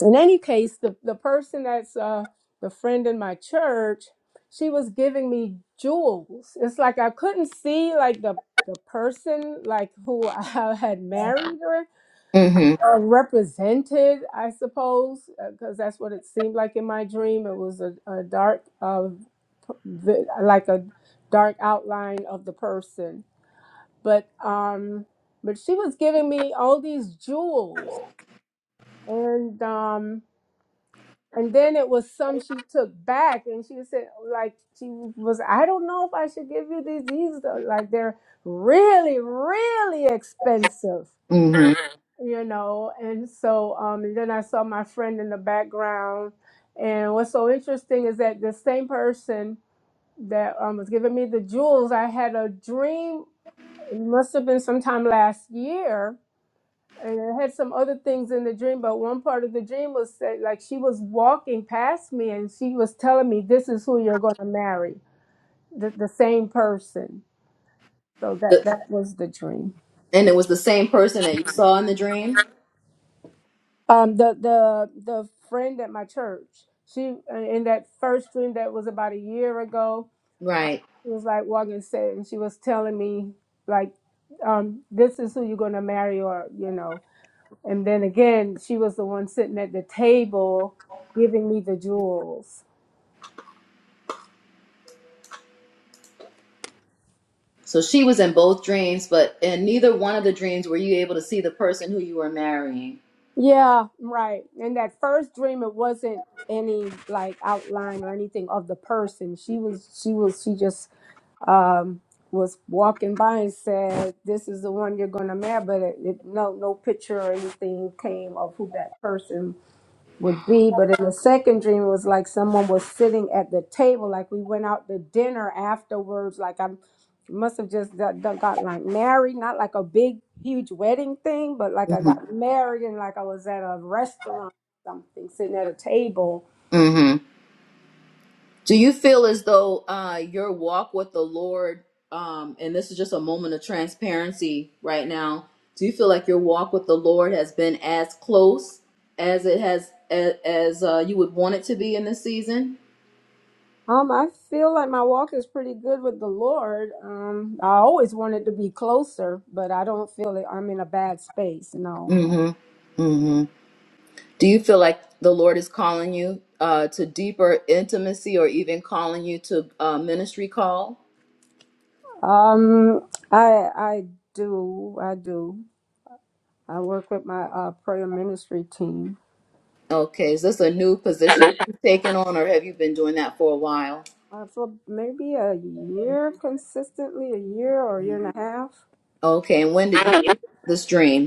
H: in any case, the, the person that's uh, the friend in my church, she was giving me jewels. It's like I couldn't see like the the person like who [laughs] I had married or,
A: Mm-hmm.
H: or represented, I suppose, because that's what it seemed like in my dream. It was a, a dark, uh, p- vi- like a dark outline of the person. But um, but she was giving me all these jewels, and um, And then it was some she took back, and she said, like she was, I don't know if I should give you these. These are like they're really, really expensive,
A: Mm-hmm.
H: you know. And so, um, and then I saw my friend in the background, and what's so interesting is that the same person that um, was giving me the jewels, I had a dream. It must have been sometime last year and I had some other things in the dream, but one part of the dream was that like she was walking past me and she was telling me, "This is who you're going to marry," the, the same person. So that
A: The-
H: that was the dream.
A: and it was the same person that you saw in the dream?
H: Um, the the the friend at my church, she uh, in that first dream that was about a year ago,
A: Right.
H: she was like walking and said, and she was telling me like, um, "This is who you're going to marry," or you know. And then again, she was the one sitting at the table giving me the jewels.
A: So she was in both dreams, but in neither one of the dreams were you able to see the person who you were marrying.
H: Yeah, right. In that first dream, it wasn't any like outline or anything of the person. She was, she was, she just um was walking by and said, "This is the one you're gonna marry," but it, it, no, no picture or anything came of who that person would be. But in the second dream, it was like someone was sitting at the table, like we went out to dinner afterwards. Like I must have just got, got got, like married, not like a big, huge wedding thing, but like I got married and like I was at a restaurant or something, sitting at a table.
A: Mm-hmm. Do you feel as though uh, your walk with the Lord, um, and this is just a moment of transparency right now, do you feel like your walk with the Lord has been as close as it has as, as uh, you would want it to be in this season?
H: Um, I feel like my walk is pretty good with the Lord. Um, I always wanted to be closer, but I don't feel it. I'm in a bad space. No.
A: Mm-hmm. Mm-hmm. Do you feel like the Lord is calling you uh, to deeper intimacy, or even calling you to uh, ministry call?
H: Um, I I do. I do. I work with my uh, prayer ministry team.
A: Okay, is this a new position
H: Uh,
A: you've taken on, or have you been doing that for a while?
H: for maybe a year consistently, a year or a year
A: Mhm.
H: and a half.
A: Okay, and when did you have this dream?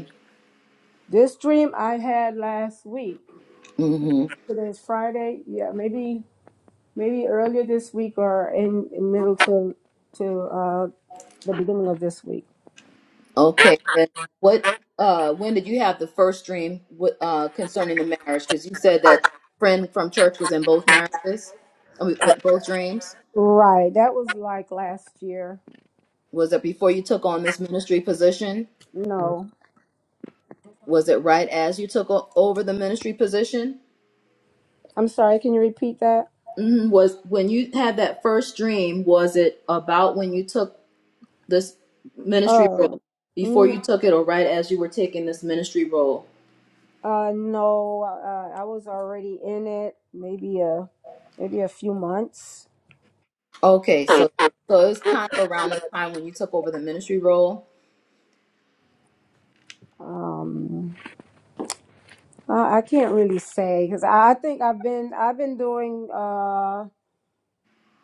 H: This dream I had last week.
A: Mm-hmm.
H: Today's Friday. Yeah, maybe maybe earlier this week or in, in middle to to uh, the beginning of this week.
A: Okay. And what? Uh, when did you have the first dream wi- uh, concerning the marriage? Because you said that friend from church was in both marriages, I mean, b- both dreams.
H: Right. That was like last year.
A: Was it before you took on this ministry position?
H: No.
A: Was it right as you took o- over the ministry position?
H: I'm sorry, can you repeat that?
A: hmm Was when you had that first dream? Was it about when you took this ministry role?
H: Um
A: Before you took it, or right as you were taking this ministry role?
H: Uh, no, uh, I was already in it. Maybe a maybe a few months.
A: Okay, so so it was kind of around the time when you took over the ministry role.
H: Um, I, I can't really say because I, I think I've been I've been doing uh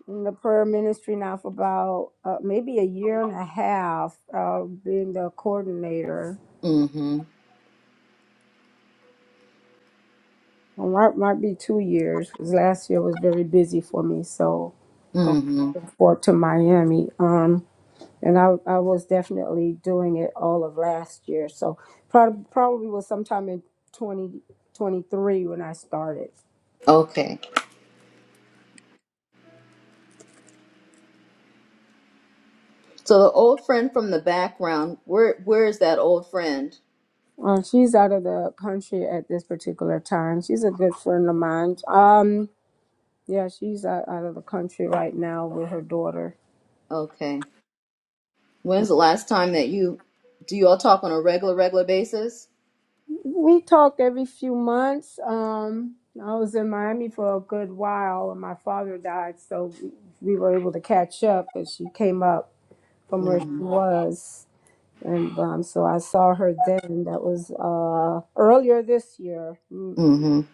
H: in the prayer ministry now for about uh, maybe a year and a half. Uh, being the coordinator,
A: Mm-hmm.
H: Or might might be two years because last year was very busy for me. So going
A: Mm-hmm.
H: forward to Miami. Um, And I, I was definitely doing it all of last year. So prob- probably was sometime in 2023 when I started.
A: Okay. So the old friend from the background, where where is that old friend?
H: Uh, she's out of the country at this particular time. She's a good friend of mine. Um, yeah, she's out, out of the country right now with her daughter.
A: Okay. When's the last time that you do you all talk on a regular, regular basis?
H: We talk every few months. Um, I was in Miami for a good while, and my father died, so we we were able to catch up. And she came up from where she
A: Mm-hmm.
H: was. And um, so I saw her then. That was uh, earlier this year, mm,
A: Mm-hmm.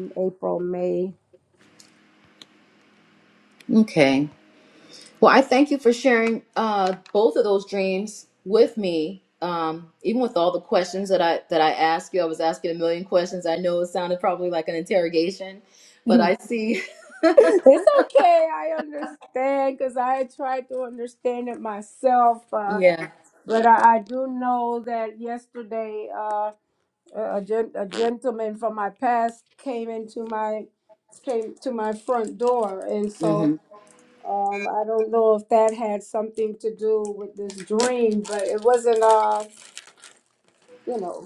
H: in April, May.
A: Okay. Well, I thank you for sharing uh both of those dreams with me. Um, even with all the questions that I that I asked you, I was asking a million questions. I know it sounded probably like an interrogation
H: [laughs]
A: but
H: it's
A: I see [laughs]
H: okay. I understand because I had tried to understand it myself. Uh,
A: Yeah.
H: but I, I do know that yesterday uh, a, a gen- a gentleman from my past came into my came to my front door. And so
A: Mhm.
H: um, I don't know if that had something to do with this dream, but it wasn't. Uh, you know.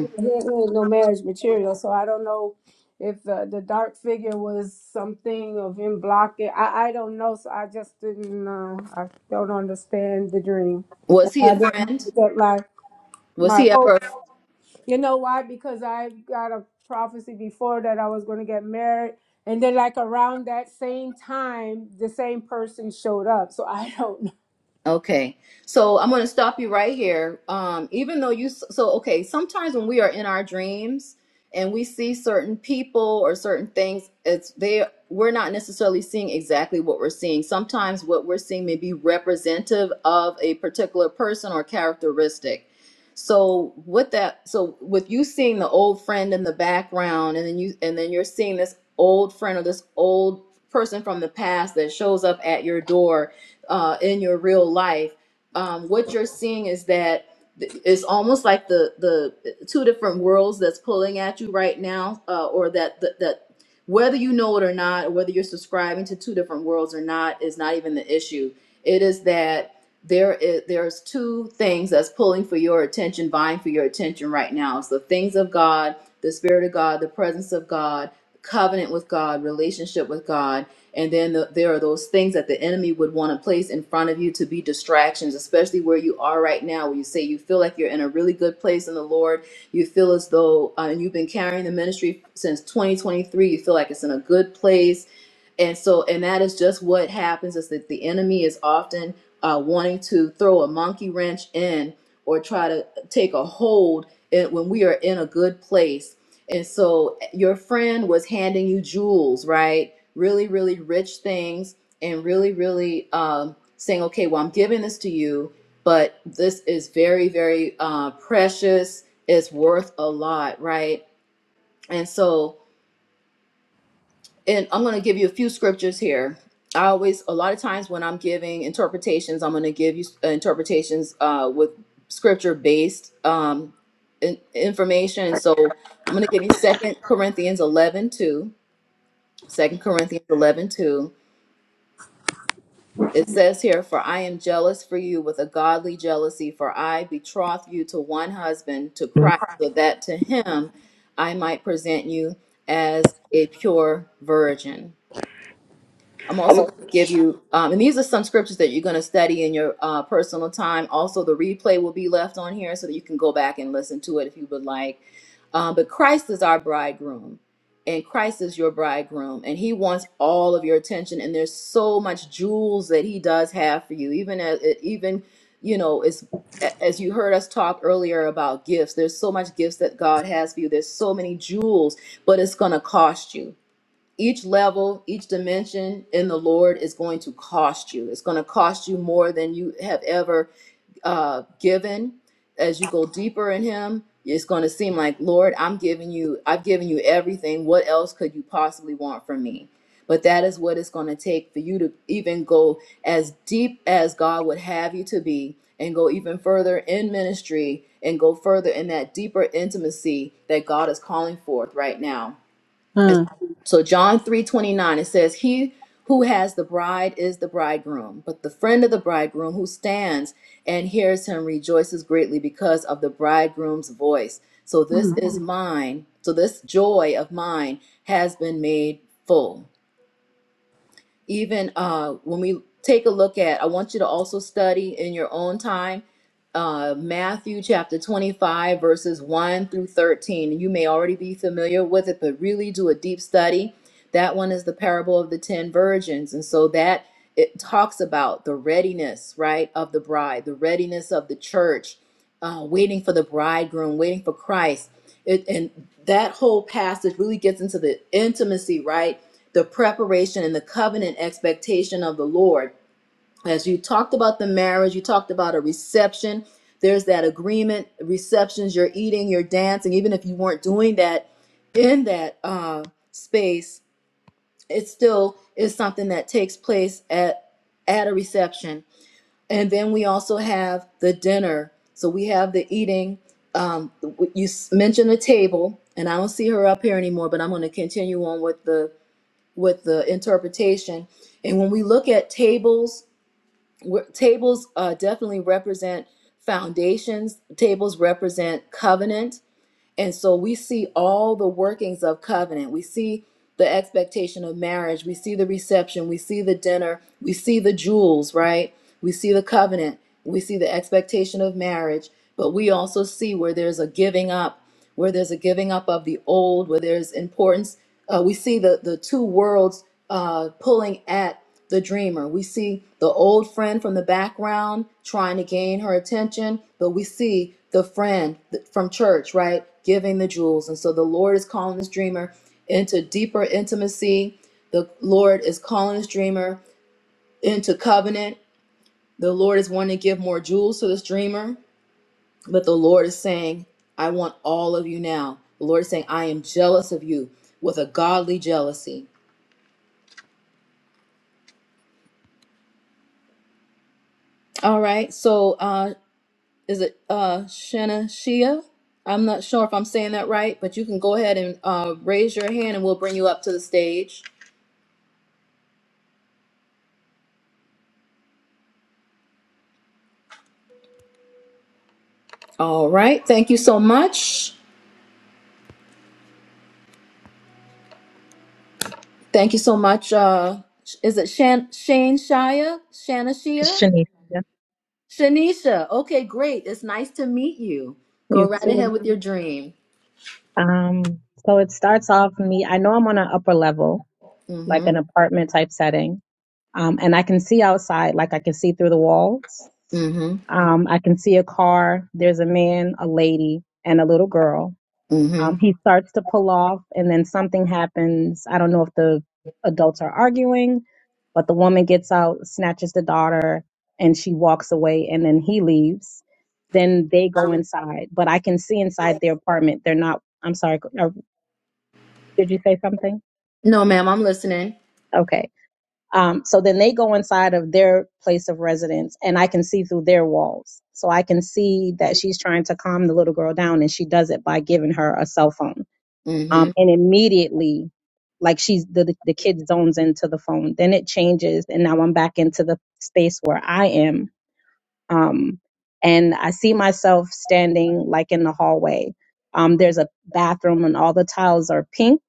H: There was no marriage material, so I don't know if uh, the dark figure was something of him blocking. I, I don't know, so I just didn't. Uh, I don't understand the dream. And
A: Was he
H: I
A: a friend?
H: didn't get my
A: Was
H: my
A: he ever a
H: hopes. You know why? Because I got a prophecy before that I was going to get married, and then like around that same time, the same person showed up. So I don't
A: Okay. So I'm going to stop you right here. Um, even though you, so, okay, sometimes when we are in our dreams and we see certain people or certain things, it's they, we're not necessarily seeing exactly what we're seeing. Sometimes what we're seeing may be representative of a particular person or characteristic. So with that, so with you seeing the old friend in the background and then you, and then you're seeing this old friend or this old person from the past that shows up at your door uh, in your real life, um, what you're seeing is that it's almost like the the two different worlds that's pulling at you right now, uh, or that that, that whether you know it or not, or whether you're subscribing to two different worlds or not, is not even the issue. It is that there is there's two things that's pulling for your attention, vying for your attention right now. It's the things of God, the Spirit of God, the presence of God, covenant with God, relationship with God and then the, there are those things that the enemy would want to place in front of you to be distractions, especially where you are right now, where you say you feel like you're in a really good place in the Lord. You feel as though uh, you've been carrying the ministry since 2023. You feel like it's in a good place and so and that is just what happens is that the enemy is often uh, wanting to throw a monkey wrench in or try to take a hold in, when we are in a good place and so your friend was handing you jewels right really really rich things and really really um, saying okay well i'm giving this to you but this is very very uh, precious it's worth a lot right and so and I'm going to give you a few scriptures here. I always, a lot of times when I'm giving interpretations, I'm going to give you uh, interpretations uh, with scripture based um, in, information. And So I'm going to give you Second Corinthians 11 2. Second Corinthians 11 2. It says here, For I am jealous for you with a godly jealousy, for I betroth you to one husband, to Christ, so that to him I might present you as a pure virgin. I'm also
H: know.
A: going to give you, um, and these are some scriptures that you're going to study in your uh, personal time. Also, the replay will be left on here so that you can go back and listen to it if you would like. Um, but Christ is our bridegroom, and Christ is your bridegroom, and He wants all of your attention. And there's so much jewels that He does have for you, even as even you know as As you heard us talk earlier about gifts, there's so much gifts that God has for you. There's so many jewels, but it's going to cost you each level, each dimension in the Lord is going to cost you. It's going to cost you more than you have ever uh, given. As you go deeper in Him, it's going to seem like, Lord, I'm giving you, I've given you everything. What else could you possibly want from me? But that is what it's going to take for you to even go as deep as God would have you to be and go even further in ministry and go further in that deeper intimacy that God is calling forth right now so John 3:29 it says he who has the bride is the bridegroom but the friend of the bridegroom who stands and hears him rejoices greatly because of the bridegroom's voice. So
H: Hmm.
A: this
H: Hmm.
A: is mine. So this joy of mine has been made full even uh, when we take a look at, I want you to also study in your own time uh, Matthew chapter 25, verses 1 through 13. You may already be familiar with it, but really do a deep study. That one is the parable of the 10 virgins. And so that it talks about the readiness, right, of the bride, the readiness of the church, uh, waiting for the bridegroom, waiting for Christ. It, and that whole passage really gets into the intimacy, right? the preparation and the covenant expectation of the Lord. As you talked about the marriage, you talked about a reception. There's that agreement, receptions, you're eating, you're dancing. Even if you weren't doing that in that uh, space, it still is something that takes place at, at a reception. And then we also have the dinner. So we have the eating. Um, you s- mentioned the table, and I don't see her up here anymore, but I'm going to continue on with the with the interpretation. And when we look at tables, tables uh, definitely represent foundations. Tables represent covenant and so we see all the workings of covenant. We see the expectation of marriage. We see the reception. We see the dinner. We see the jewels, right? We see the covenant. We see the expectation of marriage. But we also see where there's a giving up, where there's a giving up of the old, where there's importance. Uh, we see the, the two worlds uh, pulling at the dreamer. We see the old friend from the background trying to gain her attention, but we see the friend from church, right, giving the jewels. And so the Lord is calling this dreamer into deeper intimacy. The Lord is calling this dreamer into covenant. The Lord is wanting to give more jewels to this dreamer, but the Lord is saying, I want all of you now. The Lord is saying, I am jealous of you with a godly jealousy. All right. So, uh, is it uh Shanna Shia? I'm not sure if I'm saying that right, but you can go ahead and uh, raise your hand and we'll bring you up to the stage. All right. Thank you so much. Thank you so much. Uh, is it Shan- Shane Shia? Shanna
I: It's
A: Shia?
I: Shanice. Yeah.
A: Shanisha. Okay, great. It's nice to meet you. Go
I: You
A: right ahead
I: too.
A: with your dream.
I: Um, so it starts off me. I know I'm on an upper level, like an
A: Mm-hmm.
I: apartment type setting. Um, and I can see outside, like I can see through the walls.
A: Mm-hmm.
I: Um, I can see a car. There's a man, a lady, and a little girl.
A: Mm-hmm.
I: Um, he starts to pull off, and then something happens. I don't know if the adults are arguing, but the woman gets out, snatches the daughter, and she walks away, and then he leaves. Then they go inside, but I can see inside their apartment. They're not, I'm sorry, uh, did you say something?
A: No, ma'am, I'm listening.
I: Okay. Um, so then they go inside of their place of residence, and I can see through their walls. So I can see that she's trying to calm the little girl down, and she does it by giving her a cell phone um,
A: Mm-hmm.
I: and immediately like she's the the the kid zones into the phone then it changes and now i'm back into the space where i am um and i see myself standing like in the hallway um there's a bathroom and all the tiles are pink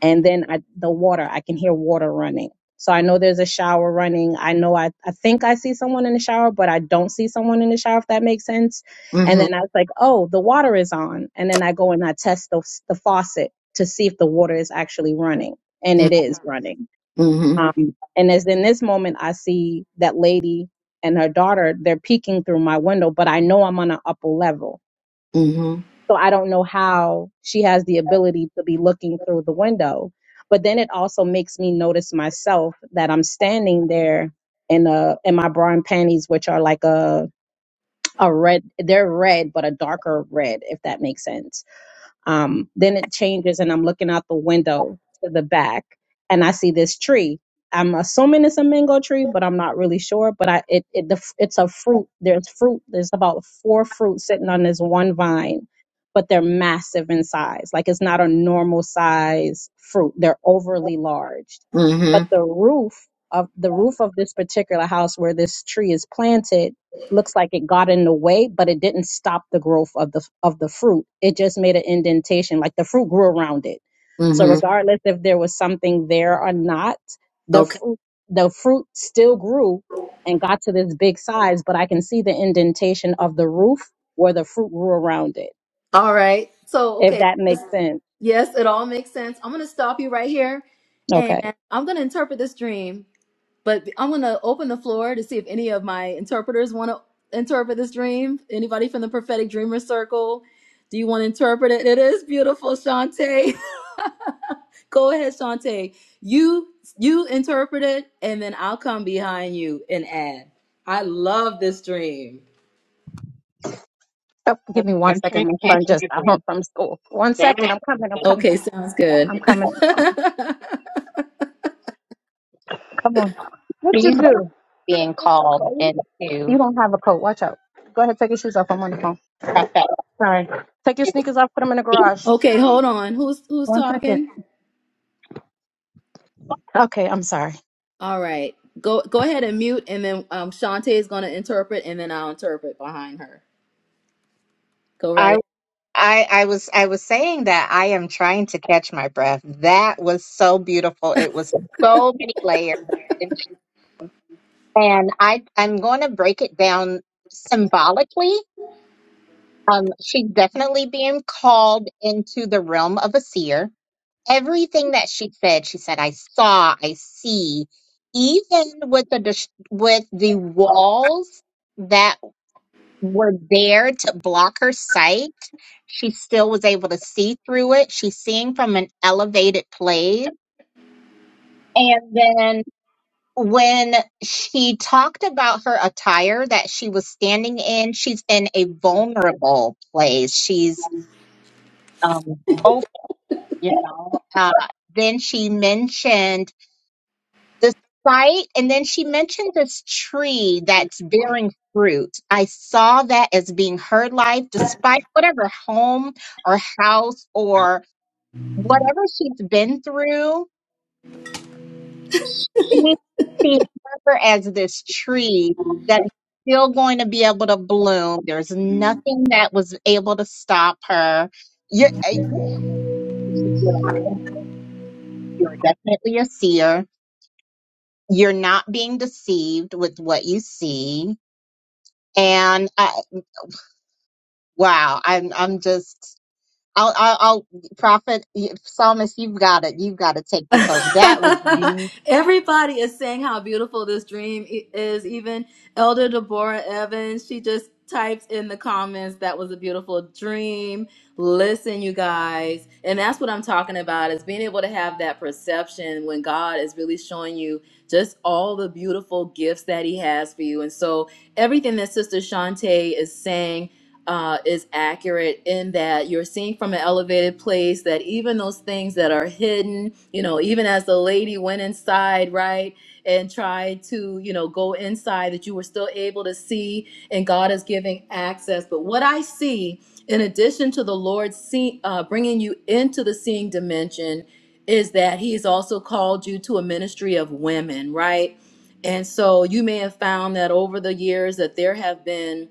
I: and then I, the water i can hear water running so i know there's a shower running i know I, I think i see someone in the shower but i don't see someone in the shower if that makes sense and
A: Mm-hmm.
I: then i was like oh the water is on and then i go and i test the, the faucet to see if the water is actually running and it
A: Mm-hmm.
I: is running
A: Mm-hmm.
I: um, and as in this moment i see that lady and her daughter they're peeking through my window but i know i'm on an upper level so I don't know how she has the ability to be looking through the window. But then it also makes me notice myself that I'm standing there in a in my bra and panties, which are like a a red. They're red, but a darker red, if that makes sense um, then it changes, and I'm looking out the window to the back, and I see this tree. I'm assuming it's a mango tree, but I'm not really sure. But I, it, it the, f- it's a fruit. There's fruit. There's about four fruit sitting on this one vine, but they're massive in size. Like it's not a normal size fruit. They're overly large.
A: Mm-hmm.
I: But the roof of the roof of this particular house where this tree is planted looks like it got in the way, but it didn't stop the growth of the of the fruit. It just made an indentation, like the fruit grew around it. So
A: Mm-hmm.
I: regardless if there was something there or not, the
A: Okay.
I: fruit the fruit still grew and got to this big size, but I can see the indentation of the roof where the fruit grew around it.
A: All right. So,
I: If
A: okay.
I: that makes sense.
A: Yes, it all makes sense. I'm going to stop you right here and
I: Okay.
A: I'm going to interpret this dream, but I'm going to open the floor to see if any of my interpreters want to interpret this dream. Anybody from the prophetic dreamer circle? Do you want to interpret it? It is beautiful, Shantae. [laughs] Go ahead, Shantae. You you interpret it and then I'll come behind you and add. I love this dream.
I: Oh,
B: I'm
I: give me one
B: I'm
I: second.
B: trying
I: My
B: to catch
I: son just
B: my
I: got
B: breath.
I: home from school. One
B: That
I: second. I'm coming. I'm
B: was
I: coming.
A: Okay, sounds good.
I: I'm
B: beautiful.
I: coming.
A: [laughs]
I: Come on. What you
B: She's
I: do?
B: being called into
I: You don't have a coat. Watch out. Go ahead. Take your shoes off. I'm on the phone.
B: prophetic.
I: Sorry. Take your sneakers off, put them in the garage.
A: Okay, hold on. Who's who's
I: One second.
A: talking?
I: Okay, I'm sorry.
A: All right. Go go ahead and mute and then um Shantae is gonna interpret and then I'll interpret behind her. Go right ahead.
B: I, I was I was saying that I am trying to catch my breath. That was so beautiful. It was so many layers, and I I'm going to break it down symbolically. Um, she's definitely being called into the realm of a seer. Everything that she said, she said, "I saw, I see." Even with the dis- with the walls that were there to block her sight, she still was able to see through it. She's seeing from an elevated place. And then when she talked about her attire that she was standing in, she's in a vulnerable place. She's um, open, you know. Uh, then she mentioned the site and then she mentioned this tree that's bearing fruit i saw that as being her life despite whatever home or house or whatever she's been through we see her as this tree that's still going to be able to bloom there's nothing that was able to stop her you're, uh, you're definitely a seer you're not being deceived with what you see and uh, Wow, I'm I'm just I'll I'll, I'll prophet y- psalmist. You've got it. You've got to take this over. That was
A: [laughs]
B: beautiful.
A: Everybody is saying how beautiful this dream i- is. Even Elder Deborah Evans, she just types in the comments that was a beautiful dream. Listen, you guys, and that's what I'm talking about is being able to have that perception when God is really showing you just all the beautiful gifts that He has for you. And so everything that Sister Shantae is saying uh, is accurate in that you're seeing from an elevated place that even those things that are hidden, you know, even as the lady went inside, right, and tried to, you know, go inside, that you were still able to see, and God is giving access. But what I see, in addition to the Lord see, uh, bringing you into the seeing dimension, is that He has also called you to a ministry of women, right? And so you may have found that over the years that there have been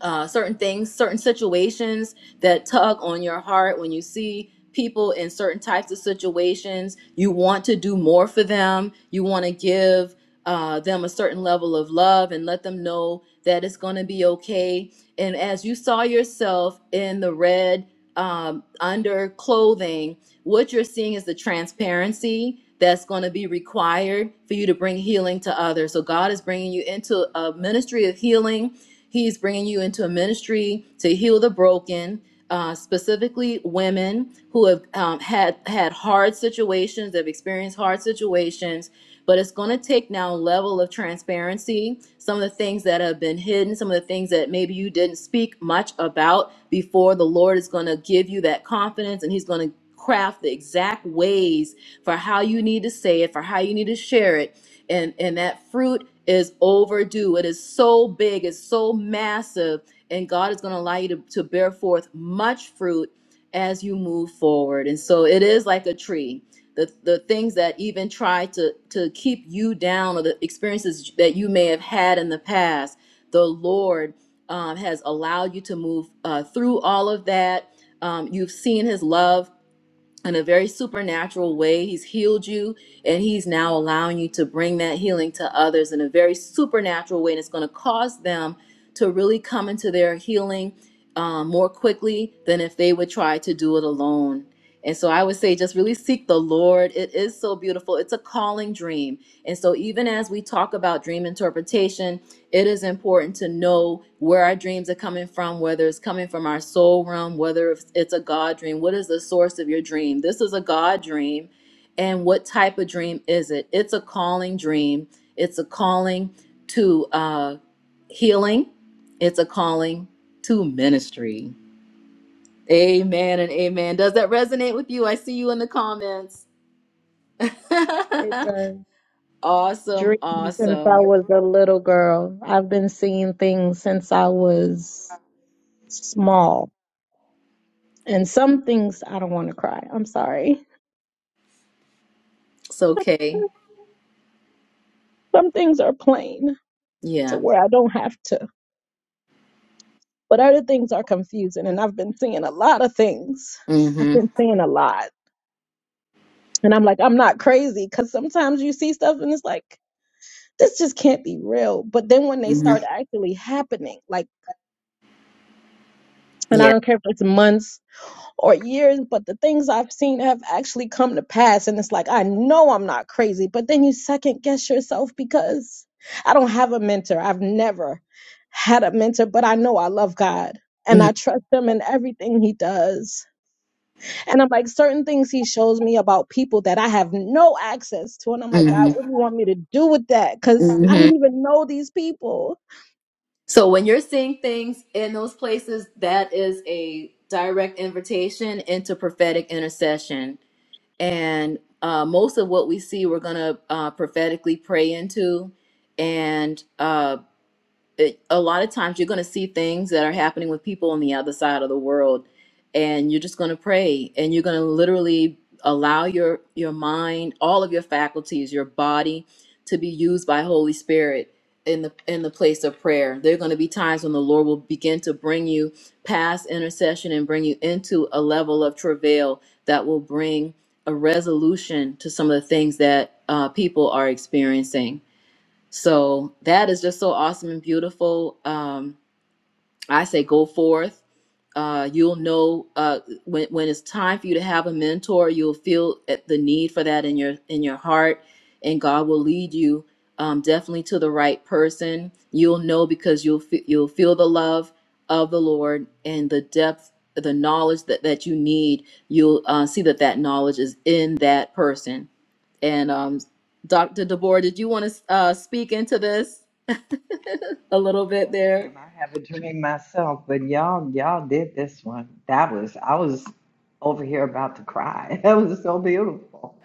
A: uh, certain things, certain situations that tug on your heart when you see people in certain types of situations. You want to do more for them. You want to give uh, them a certain level of love and let them know that it's going to be okay. And as you saw yourself in the red um, under clothing, what you're seeing is the transparency that's going to be required for you to bring healing to others. So God is bringing you into a ministry of healing He's bringing you into a ministry to heal the broken, uh, specifically women who have um, had had hard situations, have experienced hard situations. But it's going to take now a level of transparency. Some of the things that have been hidden, some of the things that maybe you didn't speak much about before. The Lord is going to give you that confidence, and He's going to craft the exact ways for how you need to say it, for how you need to share it, and and that fruit is overdue. It is so big, it's so massive, and God is going to allow you to, to bear forth much fruit as you move forward. And so it is like a tree. The, the things that even try to, to keep you down or the experiences that you may have had in the past, the Lord um, has allowed you to move uh, through all of that. Um, you've seen his love in a very supernatural way. He's healed you, and He's now allowing you to bring that healing to others in a very supernatural way. And it's going to cause them to really come into their healing um, more quickly than if they would try to do it alone. And so I would say just really seek the Lord. It is so beautiful. It's a calling dream. And so even as we talk about dream interpretation, it is important to know where our dreams are coming from, whether it's coming from our soul realm, whether it's it's a God dream. What is the source of your dream? This is a God dream. And what type of dream is it? It's a calling dream. It's a calling to uh, healing, it's a calling to ministry. Amen and amen. Does that resonate with you? I see you in the comments.
I: It's
A: [laughs]
I: a
A: awesome,
I: dream since I
A: awesome.
I: was a little girl. I've been seeing things since I was small. And some things I don't want to cry. I'm sorry.
A: It's okay.
I: Some things are plain to
A: yeah.
I: where I don't have to. But other things are confusing. And I've been seeing a lot of things. I've
A: Mm-hmm.
I: been seeing a lot. And I'm like, I'm not crazy because sometimes you see stuff and it's like, this just can't be real. But then when they
A: hmm
I: start actually happening, like And
A: Yeah.
I: I don't care if it's months or years, but the things I've seen have actually come to pass. And it's like, I know I'm not crazy, but then you second guess yourself because I don't have a mentor. I've never had a mentor, but I know I love God and I trust him in everything he does. And I'm like, certain things he shows me about people that I have no access to. And I'm like,
A: Mm-hmm.
I: God, what do you want me to do with that? Because I
A: hmm
I: don't even know these people.
A: So when you're seeing things in those places, that is a direct invitation into prophetic intercession. And uh, most of what we see, we're going to uh, prophetically pray into. And uh, it, a lot of times you're going to see things that are happening with people on the other side of the world and you're just going to pray and you're going to literally allow your your mind all of your faculties your body to be used by holy spirit in the in the place of prayer there are going to be times when the lord will begin to bring you past intercession and bring you into a level of travail that will bring a resolution to some of the things that uh, people are experiencing so that is just so awesome and beautiful. Um, I say go forth. Uh, you'll know uh, when when it's time for you to have a mentor. You'll feel at the need for that in your in your heart, and God will lead you um, definitely to the right person. You'll know because you'll fe- you'll feel the love of the Lord and the depth, the knowledge that that you need. You'll uh, see that that knowledge is in that person. And um, Dr. Deborah, did you want to uh, speak into this? a little bit
J: Oh
A: there.
J: ma'am, I have a dream myself, but y'all y'all did this one. That was I was over here about to cry. [laughs] That was so beautiful.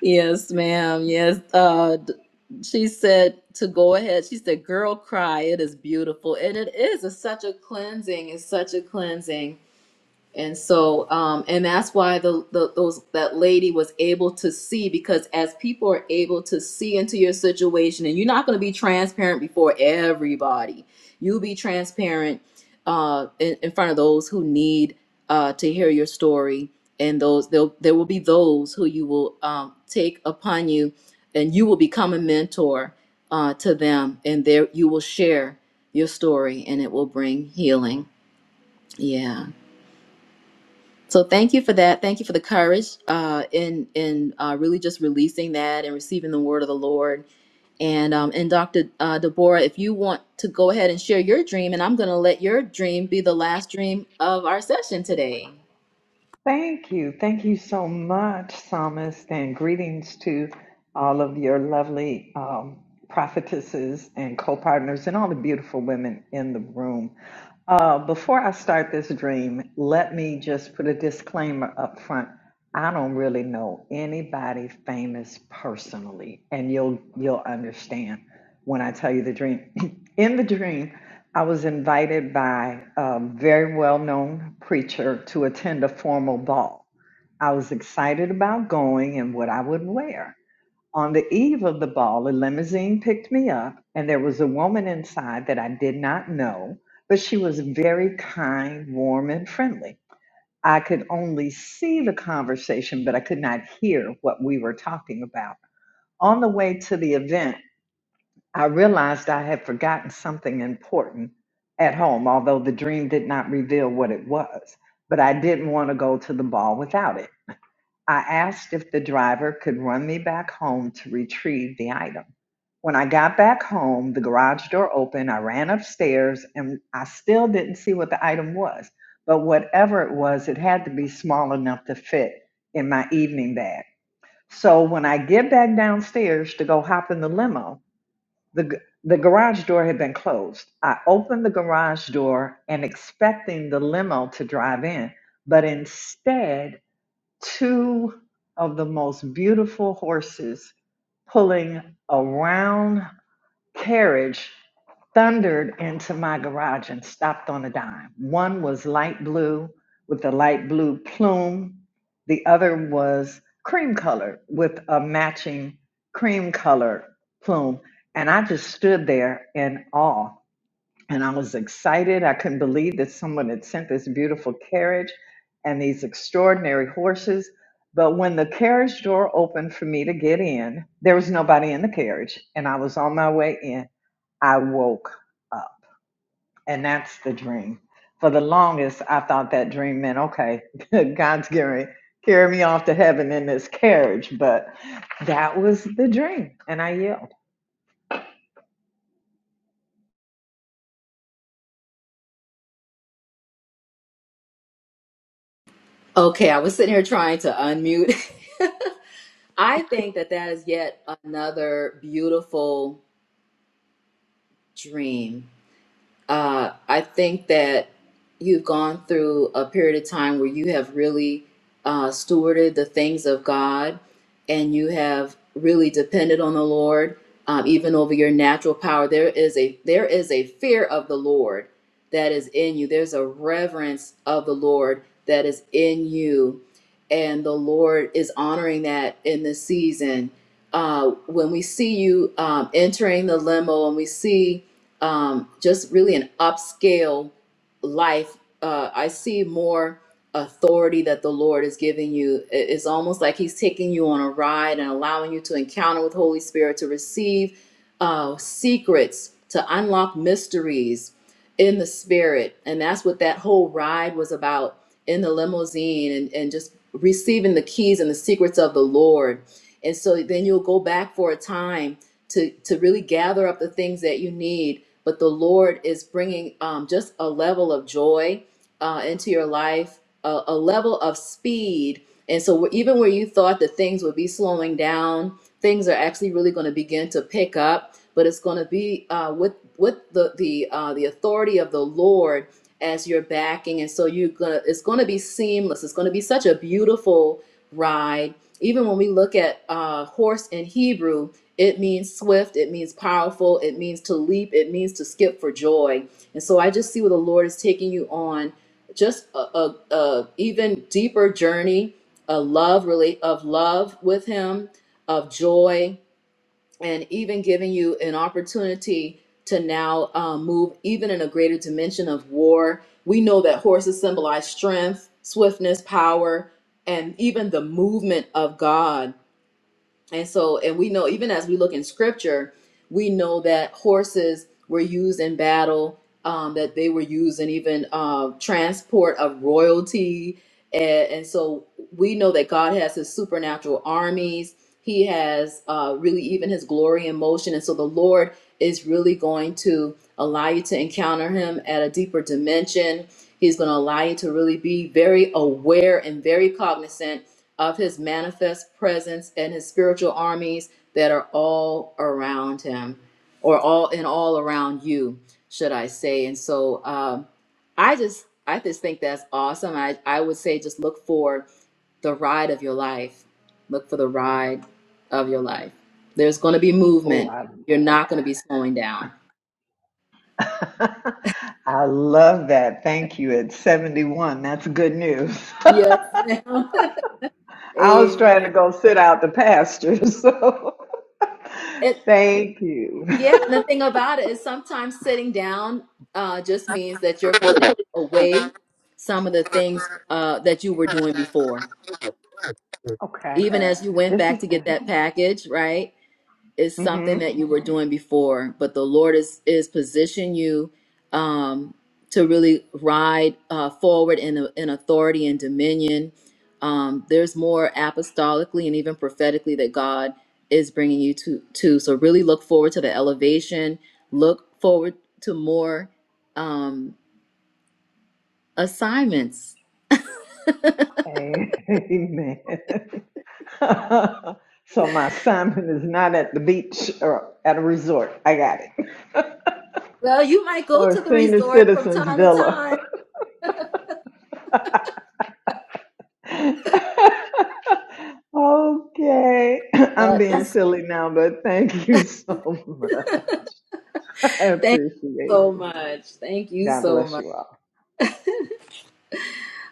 A: Yes, ma'am. Yes. Uh, d- she said to go ahead. She said, "Girl, cry. It is beautiful, and it is. It's such a cleansing. It's such a cleansing." And so, um, and that's why the, the those that lady was able to see because as people are able to see into your situation, and you're not going to be transparent before everybody, you'll be transparent uh, in, in front of those who need uh, to hear your story, and those there there will be those who you will um, take upon you, and you will become a mentor uh, to them, and there you will share your story, and it will bring healing. Yeah. So thank you for that. Thank you for the courage uh, in in uh, really just releasing that and receiving the word of the Lord. And um, and Dr. Uh, Deborah, if you want to go ahead and share your dream, and I'm going to let your dream be the last dream of our session today.
J: Thank you. Thank you so much, Psalmist, and greetings to all of your lovely um, prophetesses and co partners and all the beautiful women in the room. Uh, before I start this dream, let me just put a disclaimer up front. I don't really know anybody famous personally, and you'll you'll understand when I tell you the dream. [clears throat] in the dream, I was invited by a very well-known preacher to attend a formal ball. I was excited about going and what I would wear. On the eve of the ball, a limousine picked me up, and there was a woman inside that I did not know, but she was very kind, warm, and friendly. I could only see the conversation, but I could not hear what we were talking about. On the way to the event, I realized I had forgotten something important at home, although the dream did not reveal what it was, but I didn't want to go to the ball without it. I asked if the driver could run me back home to retrieve the item. When I got back home, the garage door opened. I ran upstairs and I still didn't see what the item was. But whatever it was, it had to be small enough to fit in my evening bag. So when I get back downstairs to go hop in the limo, the, the garage door had been closed. I opened the garage door and expecting the limo to drive in, but instead, two of the most beautiful horses pulling a round carriage thundered into my garage and stopped on a dime. One was light blue with a light blue plume, the other was cream colored with a matching cream color plume. And I just stood there in awe and I was excited. I couldn't believe that someone had sent this beautiful carriage and these extraordinary horses. But when the carriage door opened for me to get in, there was nobody in the carriage, and I was on my way in. I woke up, and that's the dream. For the longest, I thought that dream meant, okay, [laughs] God's going to carry me off to heaven in this carriage. But that was the dream, and I yelled.
A: Okay, I was sitting here trying to unmute. [laughs] I think that that is yet another beautiful dream Uh, I think that you've gone through a period of time where you have really uh, stewarded the things of God and you have really depended on the Lord um, even over your natural power. There is a there is a fear of the Lord that is in you. There's a reverence of the Lord that is in you. And the Lord is honoring that in this season. Uh, when we see you um, entering the limo and we see um, just really an upscale life. Uh, I see more authority that the Lord is giving you. I- It's almost like He's taking you on a ride and allowing you to encounter with Holy Spirit to receive uh, secrets, to unlock mysteries in the Spirit. And that's what that whole ride was about in the limousine and, and just receiving the keys and the secrets of the Lord. And so then you'll go back for a time to to really gather up the things that you need but the Lord is bringing um, just a level of joy uh, into your life, a, a level of speed. And so, even where you thought that things would be slowing down, things are actually really going to begin to pick up. But it's going to be uh, with with the the uh, the authority of the Lord as you're backing, and so you're gonna. It's going to be seamless. It's going to be such a beautiful ride. Even when we look at uh, horse in Hebrew, it means swift, it means powerful, it means to leap, it means to skip for joy. And so I just see where the Lord is taking you on just a, a, a even deeper journey, a love really of love with him, of joy, and even giving you an opportunity to now um, move even in a greater dimension of war. We know that horses symbolize strength, swiftness, power, and even the movement of God. And so, and we know, even as we look in scripture, we know that horses were used in battle, um, that they were used in even uh, transport of royalty. And, and so we know that God has his supernatural armies. He has uh, really even his glory in motion. And so the Lord is really going to allow you to encounter him at a deeper dimension. He's going to allow you to really be very aware and very cognizant of his manifest presence and his spiritual armies that are all around him or all in all around you should i say and so um, i just i just think that's awesome I, I would say just look for the ride of your life look for the ride of your life there's going to be
J: Oh,
A: movement
J: I,
A: you're
J: I
A: not going to be slowing down
J: [laughs] I love that. Thank you. At 71, that's good news. [laughs]
A: yes ma'am. [laughs]
J: I was trying to
A: amen
J: go sit out the pasture, [laughs] so
A: And
J: thank you. [laughs]
A: Yeah, and the thing about it is sometimes sitting down uh, just means that you're putting away some of the things uh, that you were doing before.
H: [laughs]
J: Okay,
A: Even
H: Uh.
A: as you went
J: this is
A: back to get
J: good.
A: that package, right? is
J: hmm
A: something that you were doing before, but the Lord is is position you um, to really ride uh, forward in in authority and dominion. Um, there's more apostolically and even prophetically that God is bringing you to to. So really look forward to the elevation. Look forward to more um, assignments.
J: Amen. [laughs] so my assignment is not at the beach or at a resort. I got it.
A: Well, you might go
J: Or
A: to
J: a
A: the
J: senior
A: resort from
J: citizens
A: time to
J: villa.
A: time.
J: [laughs] okay. [clears throat] I'm
A: But
J: being silly now, but thank you so much. [laughs] I
A: thank
J: appreciate
A: you
J: it.
A: so much. Thank you
J: God
A: so much.
J: bless you all.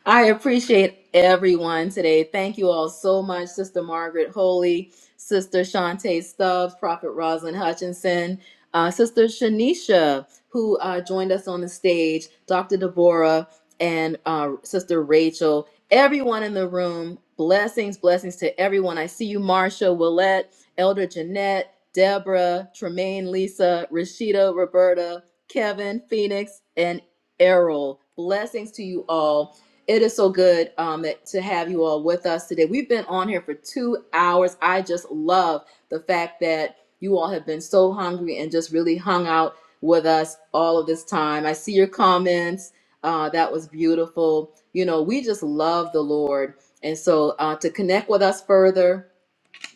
A: I appreciate everyone today. Thank you all so much, Sister Margaret Holy, Sister Shantae Stubbs, Prophet Rosalind Hutchinson, uh, Sister Shanisha, who uh, joined us on the stage, Dr. Deborah, and uh, Sister Rachel. Everyone in the room, blessings, blessings to everyone. I see you, Marsha, Willette, Elder Jeanette, Deborah, Tremaine, Lisa, Rashida, Roberta, Kevin, Phoenix, and Errol. Blessings to you all. It is so good um, that, to have you all with us today. We've been on here for two hours. I just love the fact that you all have been so hungry and just really hung out with us all of this time. I see your comments. Uh, that was beautiful. You know, we just love the Lord. And so uh, to connect with us further,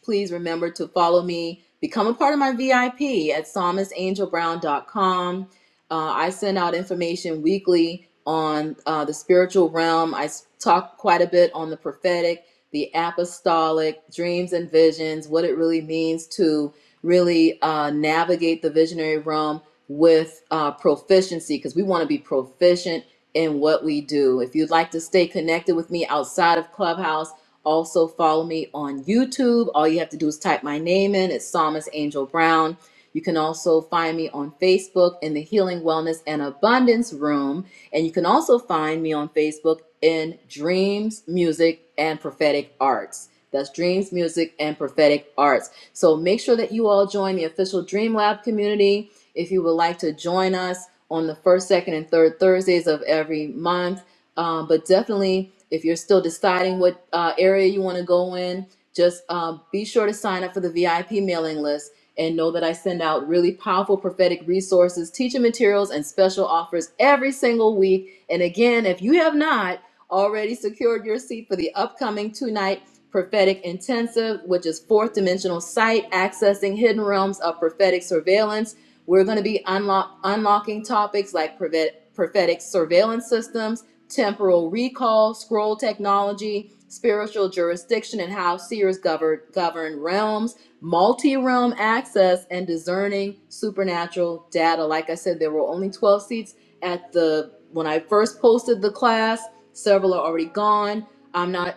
A: please remember to follow me, become a part of my VIP at psalmistangelbrown.com. Uh, I send out information weekly on uh, the spiritual realm. I talk quite a bit on the prophetic, the apostolic, dreams and visions, what it really means to really uh, navigate the visionary realm with uh, proficiency, because we want to be proficient in what we do. If you'd like to stay connected with me outside of Clubhouse, also, follow me on YouTube. All you have to do is type my name in. It's Psalmist Angel Brown. You can also find me on Facebook in the Healing, Wellness, and Abundance Room. And you can also find me on Facebook in Dreams, Music, and Prophetic Arts. That's Dreams, Music, and Prophetic Arts. So make sure that you all join the official Dream Lab community. If you would like to join us on the first, second, and third Thursdays of every month, um, but definitely, if you're still deciding what uh, area you want to go in, just um, be sure to sign up for the VIP mailing list and know that I send out really powerful prophetic resources, teaching materials, and special offers every single week. And again, if you have not already secured your seat for the upcoming two night prophetic intensive, which is fourth dimensional sight, accessing hidden realms of prophetic surveillance, we're going to be unlock- unlocking topics like prophet- prophetic surveillance systems temporal recall, scroll technology, spiritual jurisdiction, and how seers govern, govern realms, multi realm access, and discerning supernatural data. Like I said, there were only 12 seats at the when I first posted the class, several are already gone. I'm not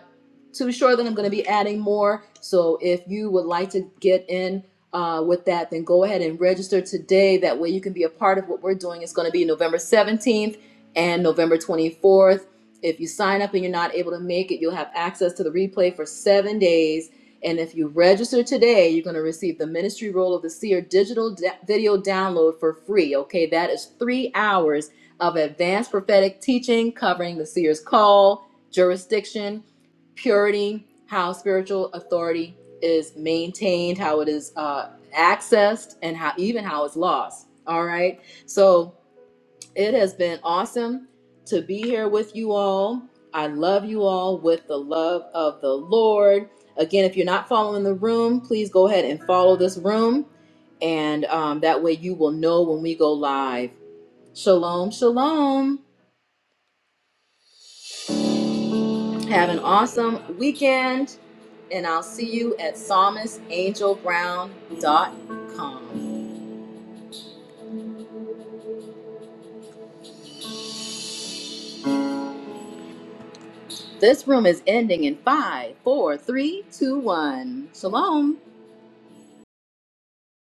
A: too sure that I'm going to be adding more. So if you would like to get in uh, with that, then go ahead and register today. That way you can be a part of what we're doing. It's going to be November 17th and November 24th. If you sign up and you're not able to make it, you'll have access to the replay for seven days. And if you register today, you're going to receive the ministry role of the seer digital video download for free. Okay, that is three hours of advanced prophetic teaching covering the seer's call, jurisdiction, purity, how spiritual authority is maintained, how it is uh, accessed, and how even how it's lost. All right, so. It has been awesome to be here with you all. I love you all with the love of the Lord. Again, if you're not following the room, please go ahead and follow this room. And um, that way you will know when we go live. Shalom, shalom. Have an awesome weekend. And I'll see you at psalmistangelbrown.com. This room is ending in five, four, three, two, one. Shalom.